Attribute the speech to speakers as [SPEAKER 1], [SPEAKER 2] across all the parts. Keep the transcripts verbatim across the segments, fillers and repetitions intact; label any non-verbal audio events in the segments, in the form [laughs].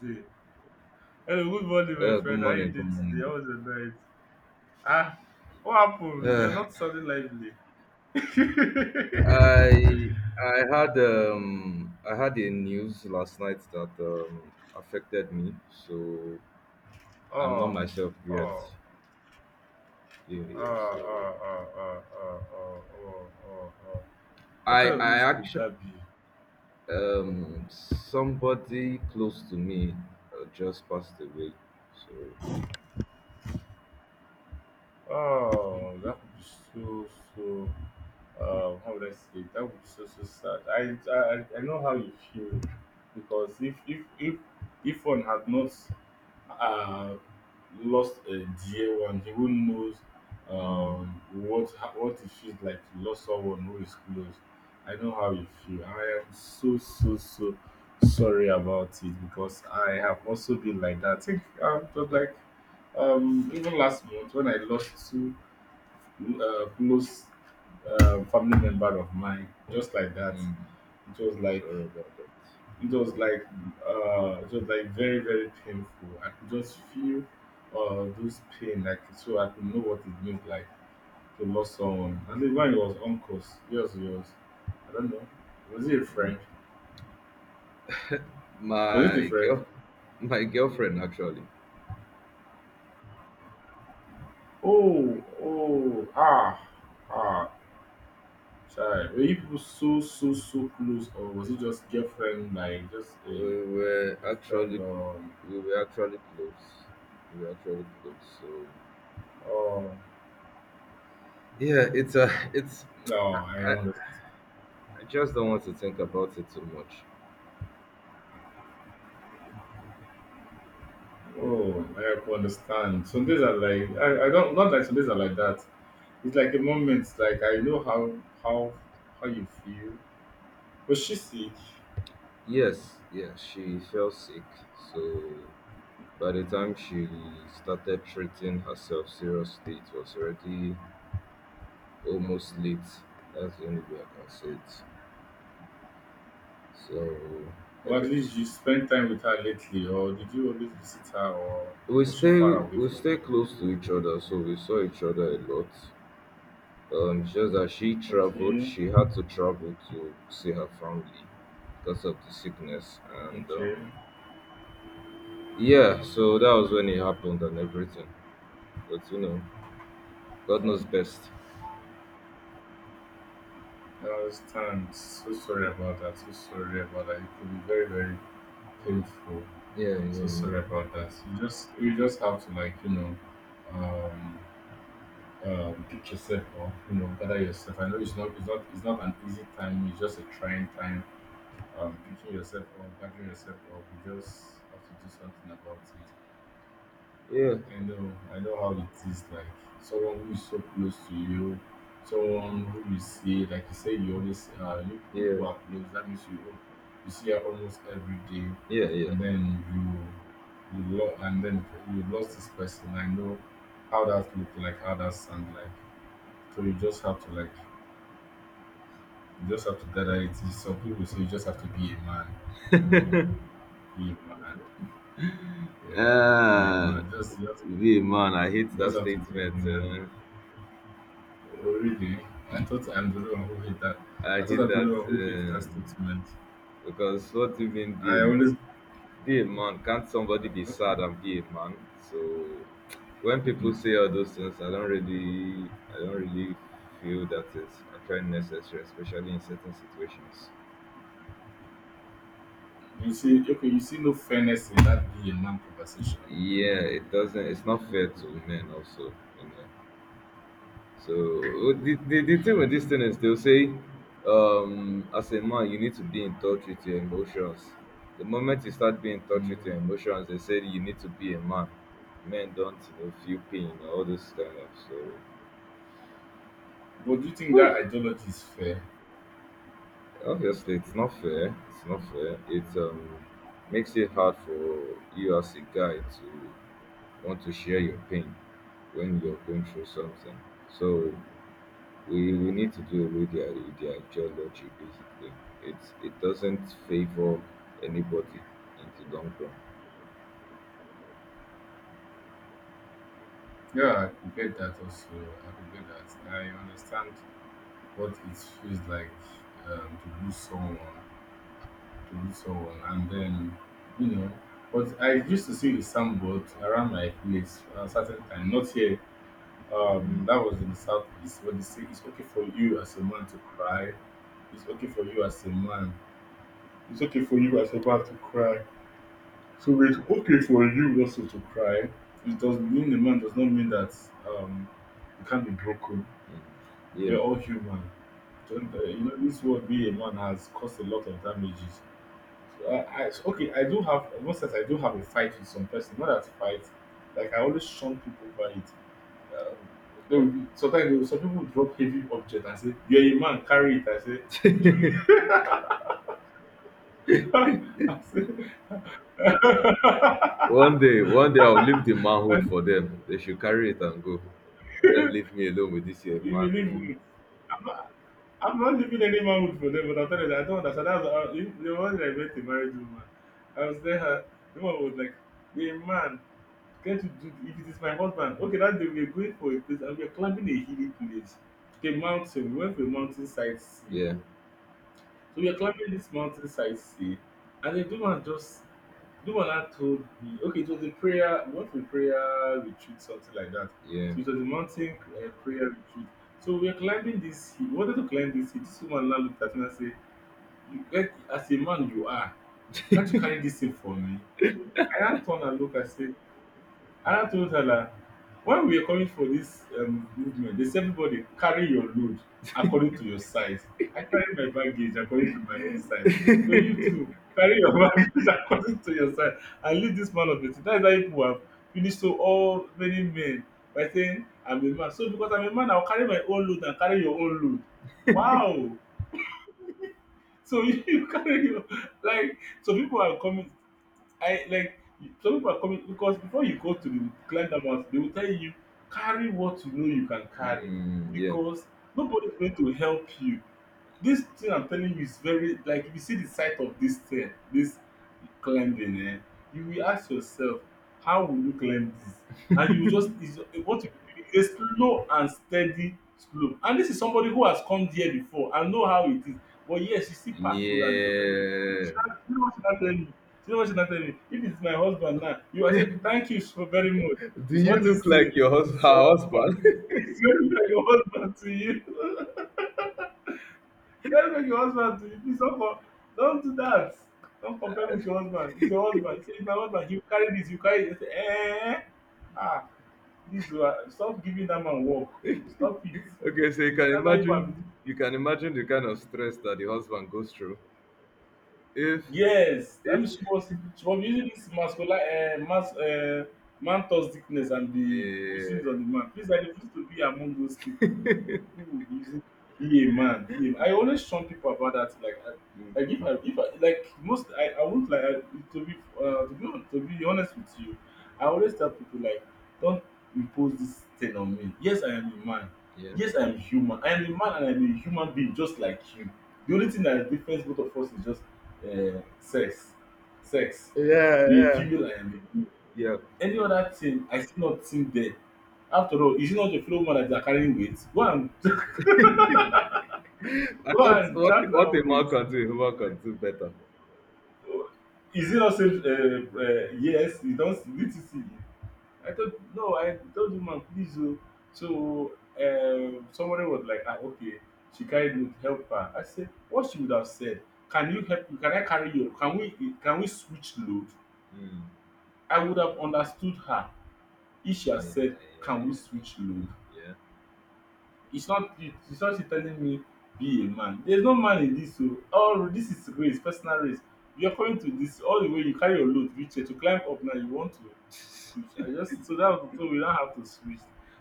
[SPEAKER 1] Today. Hello, good morning, my
[SPEAKER 2] Uh, good
[SPEAKER 1] friend. How you
[SPEAKER 2] morning. Good
[SPEAKER 1] doing
[SPEAKER 2] morning.
[SPEAKER 1] today? How was your night? Ah, what happened?
[SPEAKER 2] Uh,
[SPEAKER 1] You're not sounding lively.
[SPEAKER 2] I I had um I had a news last night that um affected me, so
[SPEAKER 1] [laughs]
[SPEAKER 2] I'm not
[SPEAKER 1] Oh,
[SPEAKER 2] myself
[SPEAKER 1] oh,
[SPEAKER 2] yet.
[SPEAKER 1] oh,
[SPEAKER 2] Yeah,
[SPEAKER 1] oh,
[SPEAKER 2] yeah, so
[SPEAKER 1] oh, oh, oh, oh, oh, oh, oh. What
[SPEAKER 2] I
[SPEAKER 1] kind of
[SPEAKER 2] I
[SPEAKER 1] news could
[SPEAKER 2] actually
[SPEAKER 1] that be?
[SPEAKER 2] um somebody close to me uh, just passed away. So
[SPEAKER 1] Oh, that would be so, so. Um, how would I say? It? That would be so, so sad. I, I, I I know how you feel because if, if, if, if one had not uh, lost a dear one, he who knows
[SPEAKER 2] mm,
[SPEAKER 1] um, what ha- what it feels like to lose someone who is close. I know how you feel. I am so so so sorry about it because I have also been like that. I think um, just
[SPEAKER 2] yeah,
[SPEAKER 1] like um, even last month when I lost two uh, close uh, family member of mine, just like that.
[SPEAKER 2] mm,
[SPEAKER 1] It was like
[SPEAKER 2] sorry about that.
[SPEAKER 1] it was like uh it was like very very painful. I could just feel uh this pain, like, so I could know what it means, like, to lose someone. And then when it was uncles, yours, yours, I don't know. Was it a
[SPEAKER 2] Mm.
[SPEAKER 1] friend? Was it a
[SPEAKER 2] My
[SPEAKER 1] friend?
[SPEAKER 2] girl, [laughs] my girlfriend actually.
[SPEAKER 1] Oh oh ah ah sorry, were you people so so so close, or was it just girlfriend, like just a,
[SPEAKER 2] We were
[SPEAKER 1] a friend,
[SPEAKER 2] actually
[SPEAKER 1] or
[SPEAKER 2] we were actually close. We were actually close. So
[SPEAKER 1] oh
[SPEAKER 2] yeah, it's a it's
[SPEAKER 1] no, I
[SPEAKER 2] I,
[SPEAKER 1] understand.
[SPEAKER 2] I just don't want to think about it too much.
[SPEAKER 1] Oh, I have to understand. Some days are like I, I don't, not like some days are like that. It's like a moment, like I know how how how you feel. Was she sick?
[SPEAKER 2] Yes, yeah, she fell sick. So by the time she started treating herself seriously, it was already almost late. That's the only way I can say it. So I
[SPEAKER 1] Or at
[SPEAKER 2] guess
[SPEAKER 1] least you spent time with her lately, or did you always visit her, or
[SPEAKER 2] we
[SPEAKER 1] was she
[SPEAKER 2] stay
[SPEAKER 1] far away
[SPEAKER 2] we
[SPEAKER 1] from
[SPEAKER 2] stay
[SPEAKER 1] you?
[SPEAKER 2] close to each other, so we saw each other a lot. Um, it's just that she traveled,
[SPEAKER 1] Okay,
[SPEAKER 2] she had to travel to see her family because of the sickness. And
[SPEAKER 1] okay.
[SPEAKER 2] um, Yeah, so that was when it happened and everything. But you know, God
[SPEAKER 1] Oh,
[SPEAKER 2] knows best.
[SPEAKER 1] I understand. So sorry about that. So sorry about that. It could be very very painful.
[SPEAKER 2] Yeah,
[SPEAKER 1] So
[SPEAKER 2] yeah,
[SPEAKER 1] sorry about that. You just you just have to, like, you know, um um pick yourself up, you know, gather yourself. I know it's not it's not it's not an easy time, it's just a trying time. Um picking yourself up, gathering yourself up, you just have to do something about it.
[SPEAKER 2] yeah,
[SPEAKER 1] I know, I know how it is, like someone who is so close to you, someone who you see, like you say, you always uh you
[SPEAKER 2] yeah,
[SPEAKER 1] people are close, that means you you see her almost every day,
[SPEAKER 2] yeah, yeah.
[SPEAKER 1] and then you you lo- and then you lost this person. I know how that look like, how that sound like. So you just have to, like, you just have to gather it. Some people say you just have to be a man. You know, be a man. Yeah, be a
[SPEAKER 2] Ah,
[SPEAKER 1] man. Just, just,
[SPEAKER 2] the man, I hate that
[SPEAKER 1] just have to be a
[SPEAKER 2] statement.
[SPEAKER 1] man.
[SPEAKER 2] Uh,
[SPEAKER 1] Oh, really? I thought I'm the only one who hate that.
[SPEAKER 2] I
[SPEAKER 1] I thought
[SPEAKER 2] hate
[SPEAKER 1] I'm the
[SPEAKER 2] that
[SPEAKER 1] only one who hates that
[SPEAKER 2] uh,
[SPEAKER 1] statement.
[SPEAKER 2] because what do you mean,
[SPEAKER 1] I
[SPEAKER 2] the
[SPEAKER 1] always,
[SPEAKER 2] be a man? Can't somebody be sad and be a man? So when people
[SPEAKER 1] Mhm.
[SPEAKER 2] say all those things, I don't really, I don't really feel that it's actually necessary, especially in certain situations.
[SPEAKER 1] You see, okay, you see no fairness in that be a man conversation.
[SPEAKER 2] Yeah, it doesn't. It's not fair to men also, you know. So the the, the thing with this thing is they'll say, um, as a man, you need to be in touch with your emotions. The moment you start being in touch
[SPEAKER 1] Mm.
[SPEAKER 2] with your emotions, they say you need to be a man. Men don't, you know, feel pain or all this kind of so.
[SPEAKER 1] But do you think that ideology is fair?
[SPEAKER 2] Obviously, it's not fair. It's not fair. It um, makes it hard for you as a guy to want to share your pain when you're going through something. So we, we need to do away their with their ideology basically. It's it doesn't favor anybody in the long run.
[SPEAKER 1] Yeah, I could get that also. I could get that. I understand what it feels like, um, to lose someone, to lose someone, and then, you know. But I used to see the soundboard around my place at a certain time. Not here.
[SPEAKER 2] Mm.
[SPEAKER 1] Um, that was in the southeast, where they say it's okay for you as a man to cry. It's okay for you as a man. It's okay for you as a man to cry. So it's okay for you also to cry. It does, being a man does not mean that um, you can't be broken.
[SPEAKER 2] Mm. Yeah.
[SPEAKER 1] We're all human. And, uh, you know, this world, being a man has caused a lot of damages. So I, I so, okay, I do have, most times I do have a fight with some person. Not that fight, like I always shun people by it. Um, they will, be- sometimes they will, some people will drop heavy object and say, "You're a man, carry it." I say, [laughs] I say,
[SPEAKER 2] One day, one day I'll leave the
[SPEAKER 1] I,
[SPEAKER 2] manhood for them. They should carry it and go. Let them leave me alone with this year,
[SPEAKER 1] "You will
[SPEAKER 2] man.
[SPEAKER 1] leave
[SPEAKER 2] Mm.
[SPEAKER 1] me." I'm not, I'm not leaving any manhood for them, but I'm telling you, I don't understand. That's how, if the one that I met a married woman. I was there. The woman was like, "You're a man. Get to do it, it is my husband." Okay, that day we were going for a place and we were climbing a hilly place. A mountain. We went for a mountainside sea.
[SPEAKER 2] Yeah.
[SPEAKER 1] So we were climbing this mountainside sea. And then the woman just, the woman had told me, okay, it was a prayer, we went for a prayer retreat, something like that.
[SPEAKER 2] Yeah.
[SPEAKER 1] So it was a mountain uh, prayer retreat. So we were climbing this hill. We wanted to climb this hill. This woman now looked at me and said, you get, as a man you are, can't you carry this thing for me? I now turned and looked and said, and I told her that, like, when we were coming for this um, movement, they said everybody carry your load according to your size. I carry my baggage according to my own size. So you too carry your [laughs] baggage according to your size and leave this man of it. That is how people have finished so all many men by saying I'm a man. So because I'm a man, I'll carry my own load and carry your own load. Wow. So [laughs] you carry your, like so people are coming, I like, some people are coming because before you go to the client house, they will tell you carry what you know you can carry
[SPEAKER 2] Mm, yeah.
[SPEAKER 1] because nobody's going to help you. This thing I'm telling you is very, like, if you see the sight of this thing, this climbing, eh, you will ask yourself, how will you climb this? And you just, it's, what you, it's a slow and steady slope. And this is somebody who has come there before and know how it is. But yes, you see Park Road and you were telling me, you
[SPEAKER 2] Yeah.
[SPEAKER 1] should not, you know what you're not telling me. You know what you're not telling me. If it's my husband now, you will say, thank you so very much.
[SPEAKER 2] Do
[SPEAKER 1] It's,
[SPEAKER 2] you
[SPEAKER 1] what do you
[SPEAKER 2] look like
[SPEAKER 1] say?
[SPEAKER 2] your hus-
[SPEAKER 1] It's
[SPEAKER 2] her
[SPEAKER 1] your husband.
[SPEAKER 2] husband?
[SPEAKER 1] [laughs]
[SPEAKER 2] [laughs]
[SPEAKER 1] It's your husband to you. [laughs] Don't make your husband to you. Please don't com don't do that. Don't compare me with your husband. It's your husband. He say it's my husband. You carry this, you carry that. I say um ah, this one, stop giving dat man work. Stop it.
[SPEAKER 2] okay, so you can
[SPEAKER 1] Dat na you have.
[SPEAKER 2] imagine you can imagine the kind of stress that the husband goes through. If
[SPEAKER 1] Yes, I
[SPEAKER 2] if
[SPEAKER 1] mean she was she was using this masculine uh, mas uh, mantos thickness and the pushing it on
[SPEAKER 2] yeah.
[SPEAKER 1] the man. Please, I refuse to be among those people.
[SPEAKER 2] [laughs]
[SPEAKER 1] People will be using be a man, be a man. I always shun people about that. Like, I,
[SPEAKER 2] Mm,
[SPEAKER 1] like if I if I like most, I I won't like I, to be uh, to be hon- to be honest with you. I always tell people, like, don't impose this thing on me. Yes, I am a man.
[SPEAKER 2] yeah.
[SPEAKER 1] Yes, I am human. I am a man and I am a human being just like you. The only thing that difference both of us is just uh, sex sex,
[SPEAKER 2] Yeah,
[SPEAKER 1] you a
[SPEAKER 2] yeah.
[SPEAKER 1] female, I am a male.
[SPEAKER 2] Yeah.
[SPEAKER 1] Any other thing I still not think there. After all, is it not your fellow woman that they are carrying weight, go and [laughs]
[SPEAKER 2] [laughs] I
[SPEAKER 1] go
[SPEAKER 2] thought
[SPEAKER 1] and
[SPEAKER 2] what
[SPEAKER 1] drag
[SPEAKER 2] what a
[SPEAKER 1] that
[SPEAKER 2] man
[SPEAKER 1] weight?
[SPEAKER 2] can do, a woman can do better.
[SPEAKER 1] So, is it not say uh, uh, yes, you don't need to see it. I thought, no, I told the man, please o. So, um, somebody was like, ah, okay, she carried me, help her. I said, what she would have said, can you help me, can I carry you, can we, can we switch load?
[SPEAKER 2] Mm.
[SPEAKER 1] I would have understood her. Isha
[SPEAKER 2] Yeah,
[SPEAKER 1] said, can we switch load?
[SPEAKER 2] yeah,
[SPEAKER 1] It's not it, it's not you telling me be a man. There's no man in this so all this is race, personal race. You're coming to this all the way, you carry your load reach here to climb up, now you want to
[SPEAKER 2] yeah.
[SPEAKER 1] switch. I just, so that, so we don't have to switch.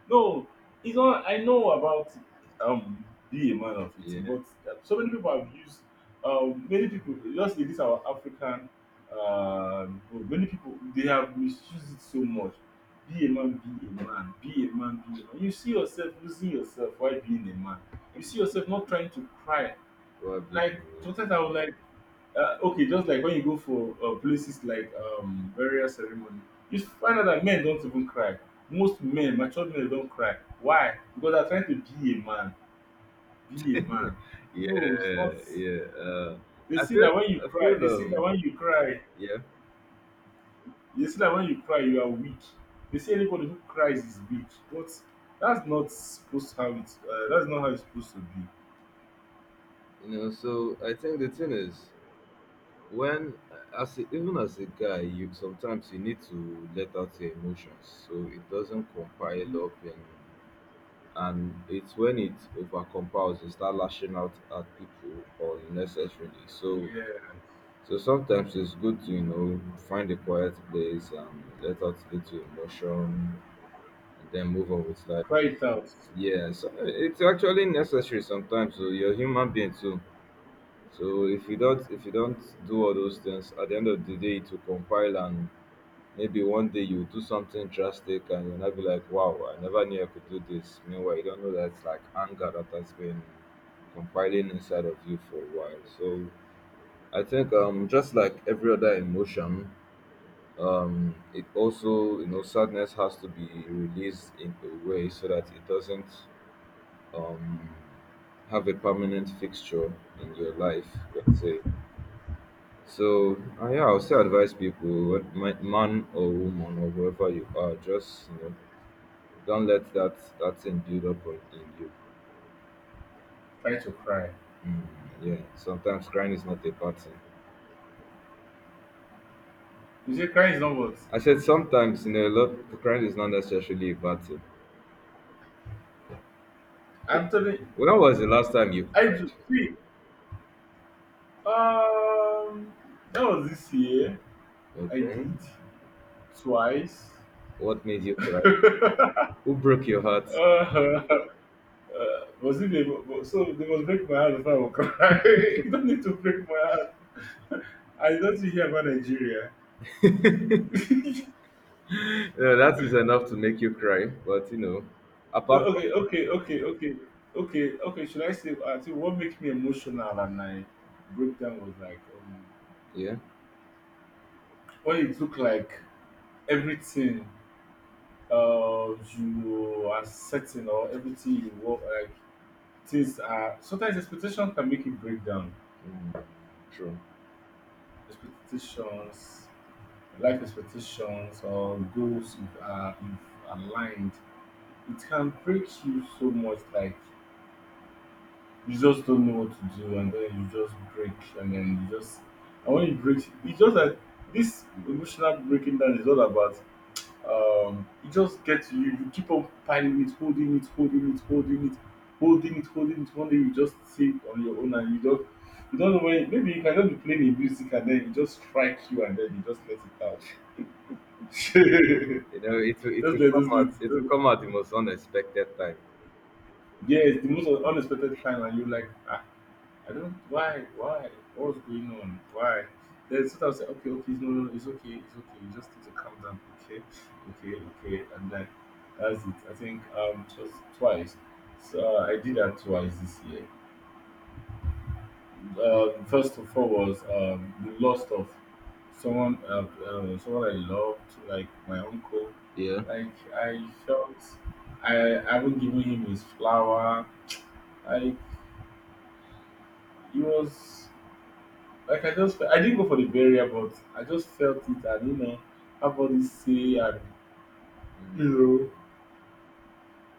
[SPEAKER 1] No, it's not, I know about um be a man of it,
[SPEAKER 2] Yeah.
[SPEAKER 1] but so many people have used um many people just in this our African um group, many people, they have misused it so much. Be a man, be a man, be a man, be a man. You see yourself losing yourself while being a man. You see yourself not trying to cry.
[SPEAKER 2] What a beautiful
[SPEAKER 1] Like
[SPEAKER 2] road.
[SPEAKER 1] sometimes I was like, uh, okay, just like when you go for uh, places like um burial ceremony, you find out that men don't even cry. Most men, mature men, don't cry. Why? Because they're trying to be a man, be a
[SPEAKER 2] [laughs]
[SPEAKER 1] man. No, it's
[SPEAKER 2] Yeah,
[SPEAKER 1] not.
[SPEAKER 2] yeah. Uh,
[SPEAKER 1] They
[SPEAKER 2] I
[SPEAKER 1] see
[SPEAKER 2] feel
[SPEAKER 1] that when you
[SPEAKER 2] I
[SPEAKER 1] cry,
[SPEAKER 2] feel
[SPEAKER 1] they see that
[SPEAKER 2] um
[SPEAKER 1] when you cry,
[SPEAKER 2] yeah.
[SPEAKER 1] they say that when you cry, you are weak. They say anybody who cries is weak, but that's not supposed how it. Uh, that's not how it's supposed to be.
[SPEAKER 2] You know, so I think the thing is, when as a, even as a guy, you sometimes you need to let out your emotions so it doesn't compile
[SPEAKER 1] Mhm.
[SPEAKER 2] up and and it's when it over compiles you start lashing out at people unnecessarily. So
[SPEAKER 1] Yeah,
[SPEAKER 2] so sometimes it's good to, you know, find a quiet place and let out little emotion and then move on with life.
[SPEAKER 1] cry it out.
[SPEAKER 2] Yeah, so it's actually necessary sometimes. So you're a human being too. So if you don't if you don't do all those things, at the end of the day it will compile and maybe one day you will do something drastic and you'll not be like, wow, I never knew I could do this. Meanwhile, you don't know that's like anger that has been compiling inside of you for a while. So I think um just like every other emotion, um it also you know sadness has to be released in a way so that it doesn't um have a permanent fixture in your life, let's say. So uh, yeah, I'll still advise people, wh- ma- man or woman or whoever you are, just you know, don't let that that thing build up on in you.
[SPEAKER 1] Try to cry.
[SPEAKER 2] Yeah, sometimes crying is not a bad thing.
[SPEAKER 1] You say crying is not what?
[SPEAKER 2] I said sometimes you know a lot crying is not necessarily a bad thing.
[SPEAKER 1] I'm telling.
[SPEAKER 2] When was the last time you
[SPEAKER 1] I
[SPEAKER 2] cried?
[SPEAKER 1] do. See, um, that was this year. I
[SPEAKER 2] Okay,
[SPEAKER 1] did twice.
[SPEAKER 2] what made you cry? Who broke your heart? [laughs]
[SPEAKER 1] Uh, [laughs] uh, was it they, so they must break my heart before I will cry. [laughs] You don't need to break my heart. I don't think you hear about Nigeria.
[SPEAKER 2] Yeah, that is enough to make you cry. But you know,
[SPEAKER 1] No,
[SPEAKER 2] apart from
[SPEAKER 1] okay, okay, okay, okay, okay, okay. Should I say? I think what made me emotional and I broke down was like um,
[SPEAKER 2] yeah,
[SPEAKER 1] when it looked like everything uh you are setting or everything you work like things are sometimes expectations can make you break down.
[SPEAKER 2] mm, true.
[SPEAKER 1] Expectations, life expectations or goals if are if aligned, it can break you so much. Like you just don't know what to do and then you just break and then you just and when you break it's just like this emotional breaking down is all about um you just get you you keep on piling it, holding it, holding it, holding it, holding it, holding it, one day you just sit on your own and you don't you don't know when maybe you can just be playing a music and then it just strike you and then you just let it out.
[SPEAKER 2] You know, it will,
[SPEAKER 1] [laughs]
[SPEAKER 2] it
[SPEAKER 1] Just
[SPEAKER 2] will
[SPEAKER 1] let
[SPEAKER 2] come
[SPEAKER 1] those
[SPEAKER 2] out
[SPEAKER 1] things,
[SPEAKER 2] it will come out the most unexpected time.
[SPEAKER 1] yes, the most unexpected time and you like I don't why why what's going on why, then so I was like okay, okay, no, no, no, it's okay, it's okay, you just need to calm down, okay, okay, okay, and then that's it. I think um just twice. So uh, I did that twice this year. Um first of all was um the loss of someone uh, uh, someone I loved like my uncle.
[SPEAKER 2] Yeah.
[SPEAKER 1] Like I felt I, I haven't given him his flower, like he was. Like I just, I didn't go for the burial, but I just felt it, and you know, everybody say, and
[SPEAKER 2] Mm,
[SPEAKER 1] you know,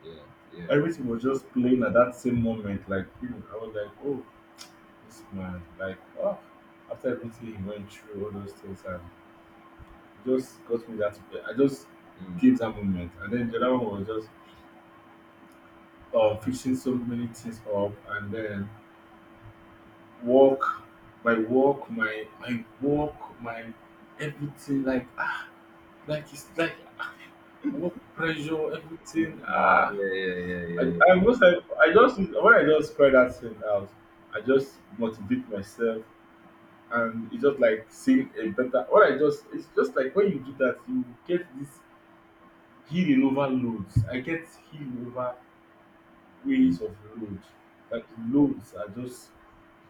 [SPEAKER 2] yeah, yeah.
[SPEAKER 1] everything was just playing at that same moment. Like you know, I was like, oh, this man, like, oh, after everything he went through, all those things, and it just got me that. I just
[SPEAKER 2] Mm,
[SPEAKER 1] gave that moment, and then the other one was just uh, fixing so many things up, and then work, my work, my my work, my everything, like ah, like it's like work pressure,
[SPEAKER 2] mm,
[SPEAKER 1] everything.
[SPEAKER 2] mm,
[SPEAKER 1] Ah,
[SPEAKER 2] yeah, yeah, yeah,
[SPEAKER 1] I,
[SPEAKER 2] yeah,
[SPEAKER 1] I most like I just when I just cry that thing out, I just motivate myself, and it's just like seeing a better. When I just, it's just like when you do that, you get this healing over loads. I get healing over
[SPEAKER 2] yeah. Mm,
[SPEAKER 1] ways of load. Like loads are just.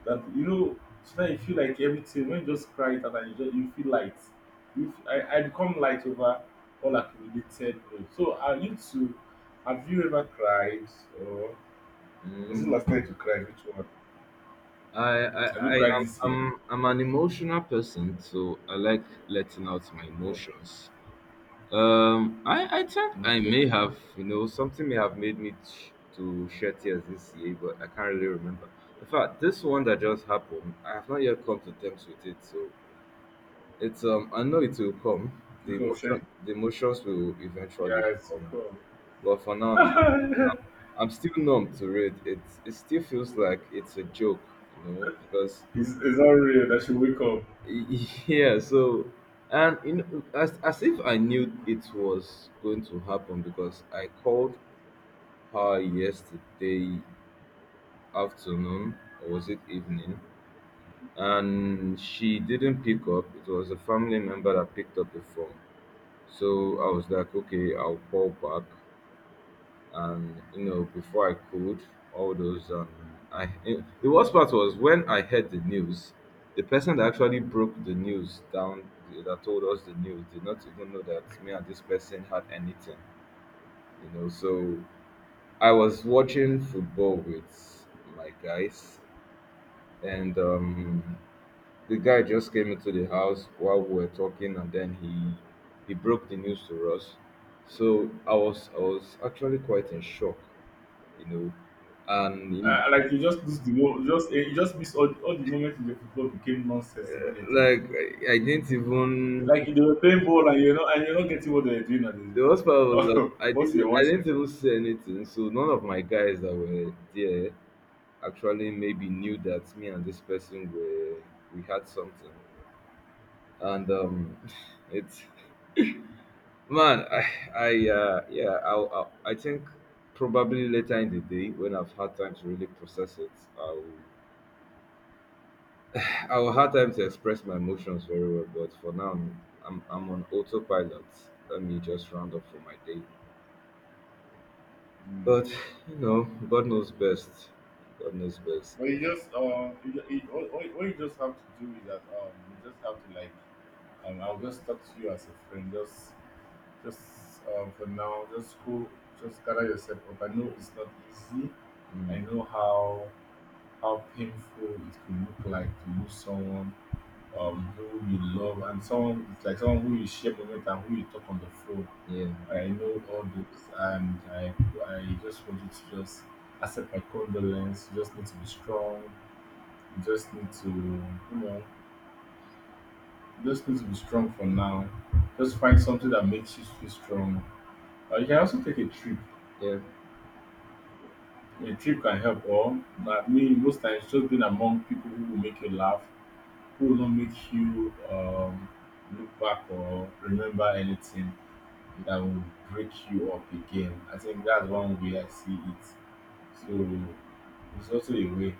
[SPEAKER 1] That you know, sometimes you feel like everything when you just cry it out and you just you feel light. You f- I, I become light over all accumulated load. So are you too, have you ever cried, or was it last
[SPEAKER 2] mm.
[SPEAKER 1] night you cried? Which one?
[SPEAKER 2] I, I,
[SPEAKER 1] Have you
[SPEAKER 2] I
[SPEAKER 1] cried
[SPEAKER 2] am,
[SPEAKER 1] this year?
[SPEAKER 2] I'm, I'm an emotional person, so I like letting out my
[SPEAKER 1] No.
[SPEAKER 2] emotions. Um, I, I think I
[SPEAKER 1] Okay.
[SPEAKER 2] may have, you know, something may have made me ch- to shed tears this year, but I can't really remember. In fact, this one that just happened, I have not yet come to terms with it, so it's um, I know it will come. The
[SPEAKER 1] You go
[SPEAKER 2] emotion,
[SPEAKER 1] Shane.
[SPEAKER 2] the emotions will eventually
[SPEAKER 1] Yes,
[SPEAKER 2] come,
[SPEAKER 1] you
[SPEAKER 2] but for now, I'm
[SPEAKER 1] come. [laughs]
[SPEAKER 2] I'm still numb to it. It it still feels like it's a joke, you know, because
[SPEAKER 1] it's, it's not real that she wake up.
[SPEAKER 2] y- [laughs] yeah. So and you know, as as if I knew it was going to happen because I called her yesterday afternoon or was it evening, and she didn't pick up. It was a family member that picked up the phone. So I was like, okay, I'll call back. And you know before I could all those um i the worst part was when I heard the news. The person that actually broke the news down, that told us the news, did not even know that me and this person had anything, you know. So I was watching football with my guys. And um The guy just came into the house while we were talking and then he he broke the news to us. So i was i was actually quite in shock, you know, and you know,
[SPEAKER 1] Uh, like you just lose the whole, just eh, you just miss all, all the moments in the football became nonsense immediately.
[SPEAKER 2] like I, I didn't even
[SPEAKER 1] Like they were playing ball and you're not, and you're not getting what they're doing at
[SPEAKER 2] the worst part was that
[SPEAKER 1] the
[SPEAKER 2] I
[SPEAKER 1] [laughs] once
[SPEAKER 2] didn't
[SPEAKER 1] you're
[SPEAKER 2] I
[SPEAKER 1] watching.
[SPEAKER 2] didn't even say anything. So none of my guys that were there actually maybe knew that me and this person were we had something. And um [laughs] it's man, I I uh yeah, I I, I think probably later in the day when I've had time to really process it, I'll I will have time to express my emotions very well, but for now, I'm, I'm, I'm on autopilot. Let me just round up for my day.
[SPEAKER 1] Mm.
[SPEAKER 2] But, you know, God knows best. God knows best.
[SPEAKER 1] But you just um you, ju- you, all, all all you just have to do is that um you just have to like um I'll just talk to you as a friend. Just just um for now, just go just gather yourself up. I know it's not easy.
[SPEAKER 2] Mm,
[SPEAKER 1] I know how how painful it could look like to lose someone um who you love, and someone it's like someone who you share moment and who you talk on the phone.
[SPEAKER 2] yeah,
[SPEAKER 1] I know all this, and I, I just want you to just accept my condolence. You just need to be strong. You just need to, you know, you just need to be strong for now. Just find something that makes you feel strong. Or you can also take a trip.
[SPEAKER 2] yeah,
[SPEAKER 1] A trip can help. Or I mean, most times just being among people who will make you laugh, who will not make you um, look back or remember anything that will break you up again. I think that's one way I see it. So it's also a way.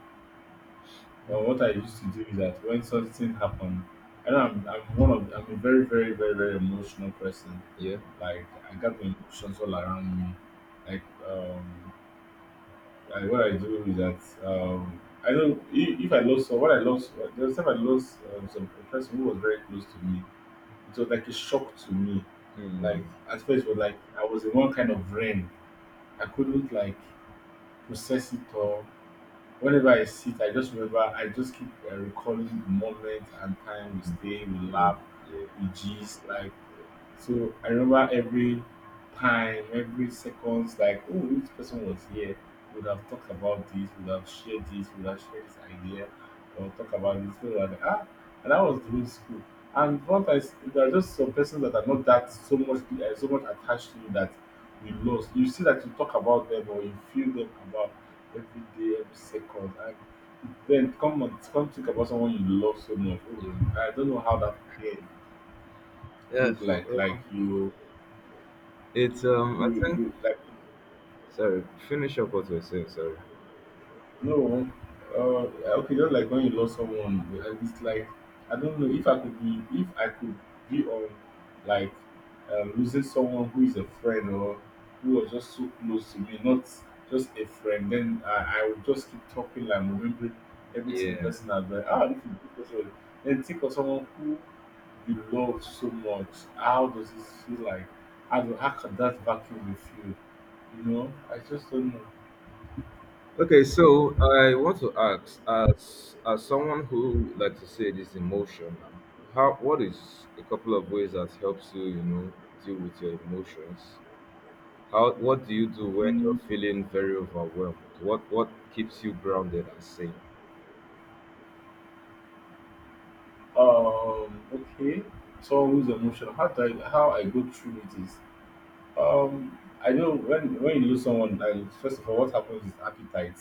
[SPEAKER 1] But what I used to do is that when something happened, and I'm I'm one of I'm a very, very, very, very emotional person.
[SPEAKER 2] yeah.
[SPEAKER 1] Like I got my emotions all around me. Like um, like what I do is that um, I don't if, if I lost someone, what I lost the time I lost um, some a person who was very close to me. It was like a shock to me.
[SPEAKER 2] Mm,
[SPEAKER 1] Like at first, it was like I was in one kind of rain. I couldn't like process it all. Whenever I sit, I just remember, I just keep uh, recalling the moment and time we stay, we
[SPEAKER 2] yeah,
[SPEAKER 1] laugh,
[SPEAKER 2] yeah,
[SPEAKER 1] we gist. Like, so I remember every time, every seconds, like, oh, this person was here, would have talked about this, would have shared this, would have shared this idea, or talk about this. So like, ah, and that was during school. And what I, s- there are just some persons that are not that so much, uh, so much attached to you that you lost. You see that you talk about them or you feel them about every day, every second. And then come on, come think about someone you love so much.
[SPEAKER 2] yeah.
[SPEAKER 1] Oh, I don't know how that pain look
[SPEAKER 2] Yes.
[SPEAKER 1] like. Like
[SPEAKER 2] Well,
[SPEAKER 1] you,
[SPEAKER 2] it's, um, I
[SPEAKER 1] you,
[SPEAKER 2] think,
[SPEAKER 1] you like.
[SPEAKER 2] sorry, finish up what you're saying, sorry.
[SPEAKER 1] No, uh, okay, just like when you lost someone, uh, it's like I don't know if I could be if I could be on like um, losing someone who is a friend or who was just so close to me, not just a friend. Then I, I would just keep talking like remembering everything
[SPEAKER 2] Yeah,
[SPEAKER 1] the person has done.
[SPEAKER 2] yeah.
[SPEAKER 1] Ah, this is the person. Then think of someone who you love so much. How does it feel like? How do how can that vacuum be filled? You know, I just don't know.
[SPEAKER 2] Okay, so I want to ask, as as someone who like to say this emotion, how what is a couple of ways that helps you, you know, deal with your emotions? How what do you do when you're
[SPEAKER 1] Mm.
[SPEAKER 2] feeling very overwhelmed? What what keeps you grounded and sane?
[SPEAKER 1] Um, okay. Someone who's emotional. How do I how I go through it is um I know when when you lose someone, and first of all what happens is appetite.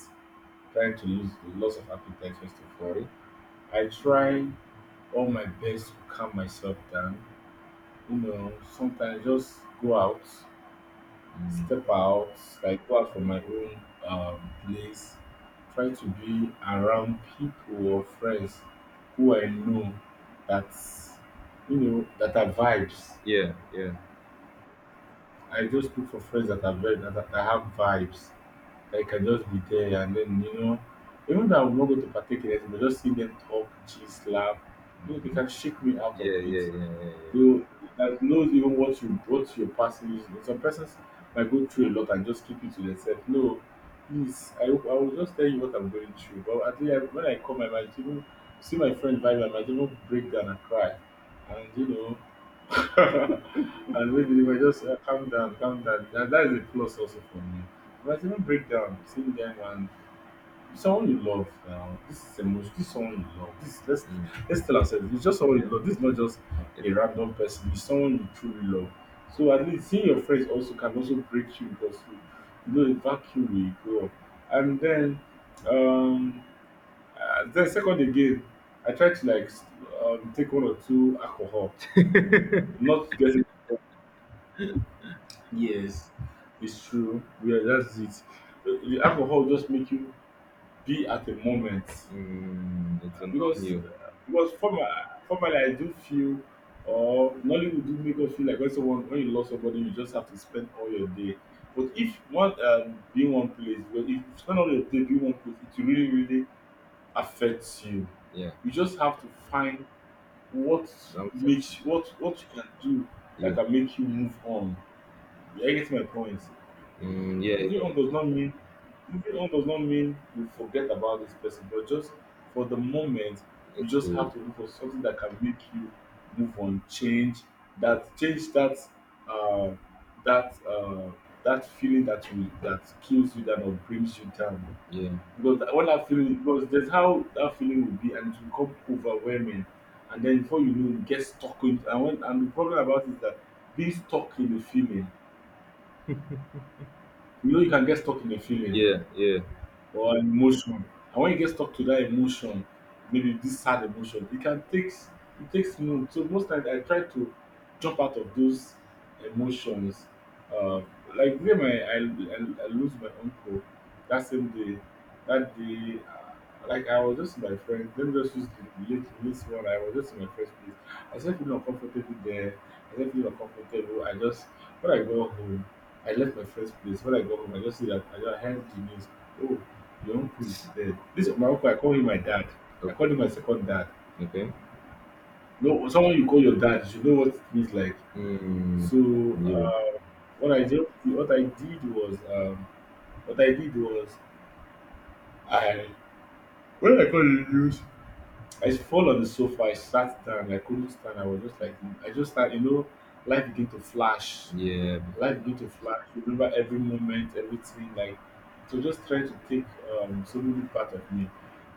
[SPEAKER 1] Trying to lose the loss of appetite first of all.
[SPEAKER 2] Okay.
[SPEAKER 1] I try all my best to calm myself down. You know, sometimes just go out,
[SPEAKER 2] Mm.
[SPEAKER 1] step out, like go out from my own um, place, try to be around people or friends who I know that you know that are vibes.
[SPEAKER 2] Yeah, yeah,
[SPEAKER 1] I just look for friends that are very that, that have vibes. That I can just be there, and then you know, even though I'm not going to partake in it, but just see them talk, gist, laugh. You know, they can shake me out of
[SPEAKER 2] yeah,
[SPEAKER 1] it.
[SPEAKER 2] yeah, yeah, yeah, yeah.
[SPEAKER 1] You like knows even what you what your person is. Some persons might go through a lot and just keep it to themselves. No, please, I, I will just tell you what I'm going through. But at least I, when I come, I might even see my friend vibe. I might even break down and cry, and you know, [laughs] and maybe they might just uh, calm down, calm down. That, that is a plus also for me. I might even break down, seeing them. Someone you love now. This is emotion. This is someone you love. This let's
[SPEAKER 2] Mm,
[SPEAKER 1] let's tell ourselves. It's just someone you
[SPEAKER 2] yeah.
[SPEAKER 1] love. This is not just
[SPEAKER 2] It,
[SPEAKER 1] a random person. It's someone you truly love. So at least seeing your friends also can also break you because you, you know the vacuum will grow up. And then um uh, then second again, I try to like s- um, take one or two alcohol. Not getting yes, it's true. Yeah, that's it. Uh, The alcohol just make you be at the moment.
[SPEAKER 2] mm, it's a numb
[SPEAKER 1] Because
[SPEAKER 2] you.
[SPEAKER 1] because former formerly I do feel or Nollywood do make us feel like when someone when you lost somebody you just have to spend all your day. But if one um being one place, but if you spend all your day being one place, it really really affects you.
[SPEAKER 2] Yeah,
[SPEAKER 1] You just have to find what
[SPEAKER 2] something.
[SPEAKER 1] makes what what you can do
[SPEAKER 2] Yeah,
[SPEAKER 1] that can make you move on. You get my point?
[SPEAKER 2] mm,
[SPEAKER 1] Moving
[SPEAKER 2] yeah,
[SPEAKER 1] on does not mean moving on does not mean you forget about this person, but just for the moment,
[SPEAKER 2] yeah.
[SPEAKER 1] you
[SPEAKER 2] It's
[SPEAKER 1] just
[SPEAKER 2] a,
[SPEAKER 1] have to look for something that can make you move on, change that, change that uh, that uh, that feeling that you that kills you that or brings you down.
[SPEAKER 2] yeah,
[SPEAKER 1] Because that- when that feeling, because there's how that feeling will be and it will become overwhelming, and then before you know you get stuck in. And when and the problem about it is that being stuck in the feeling, you know, you can get stuck in the feeling
[SPEAKER 2] yeah, yeah.
[SPEAKER 1] or emotion. And when you get stuck to that emotion, maybe this sad emotion, it can take, it takes mood. So most times I try to jump out of those emotions. uh, like when my, I, I I lose my uncle that same day, that day, uh, like I was just with my friend. Let me just use the late this one. I was just in my first place. I started feeling uncomfortable there I started feeling uncomfortable. I just, when I go home, I left my friend's place. When I got home, I just see that I, just, heard the news. Oh, your uncle is dead. This
[SPEAKER 2] Yeah.
[SPEAKER 1] my uncle, I call him my dad. I
[SPEAKER 2] Okay.
[SPEAKER 1] call him my second dad.
[SPEAKER 2] Okay.
[SPEAKER 1] No, someone you call your dad, you should know what it means, like.
[SPEAKER 2] Mm,
[SPEAKER 1] So
[SPEAKER 2] yeah.
[SPEAKER 1] uh, what I did, what I did was, um, what I did was, I when I got the news, I fall on the sofa. I sat down. I couldn't stand. I was just like, I just started, you know, life began to flash.
[SPEAKER 2] Yeah. Before.
[SPEAKER 1] Life go to flash remember every moment, everything, like. So just try to take, um so many part of me.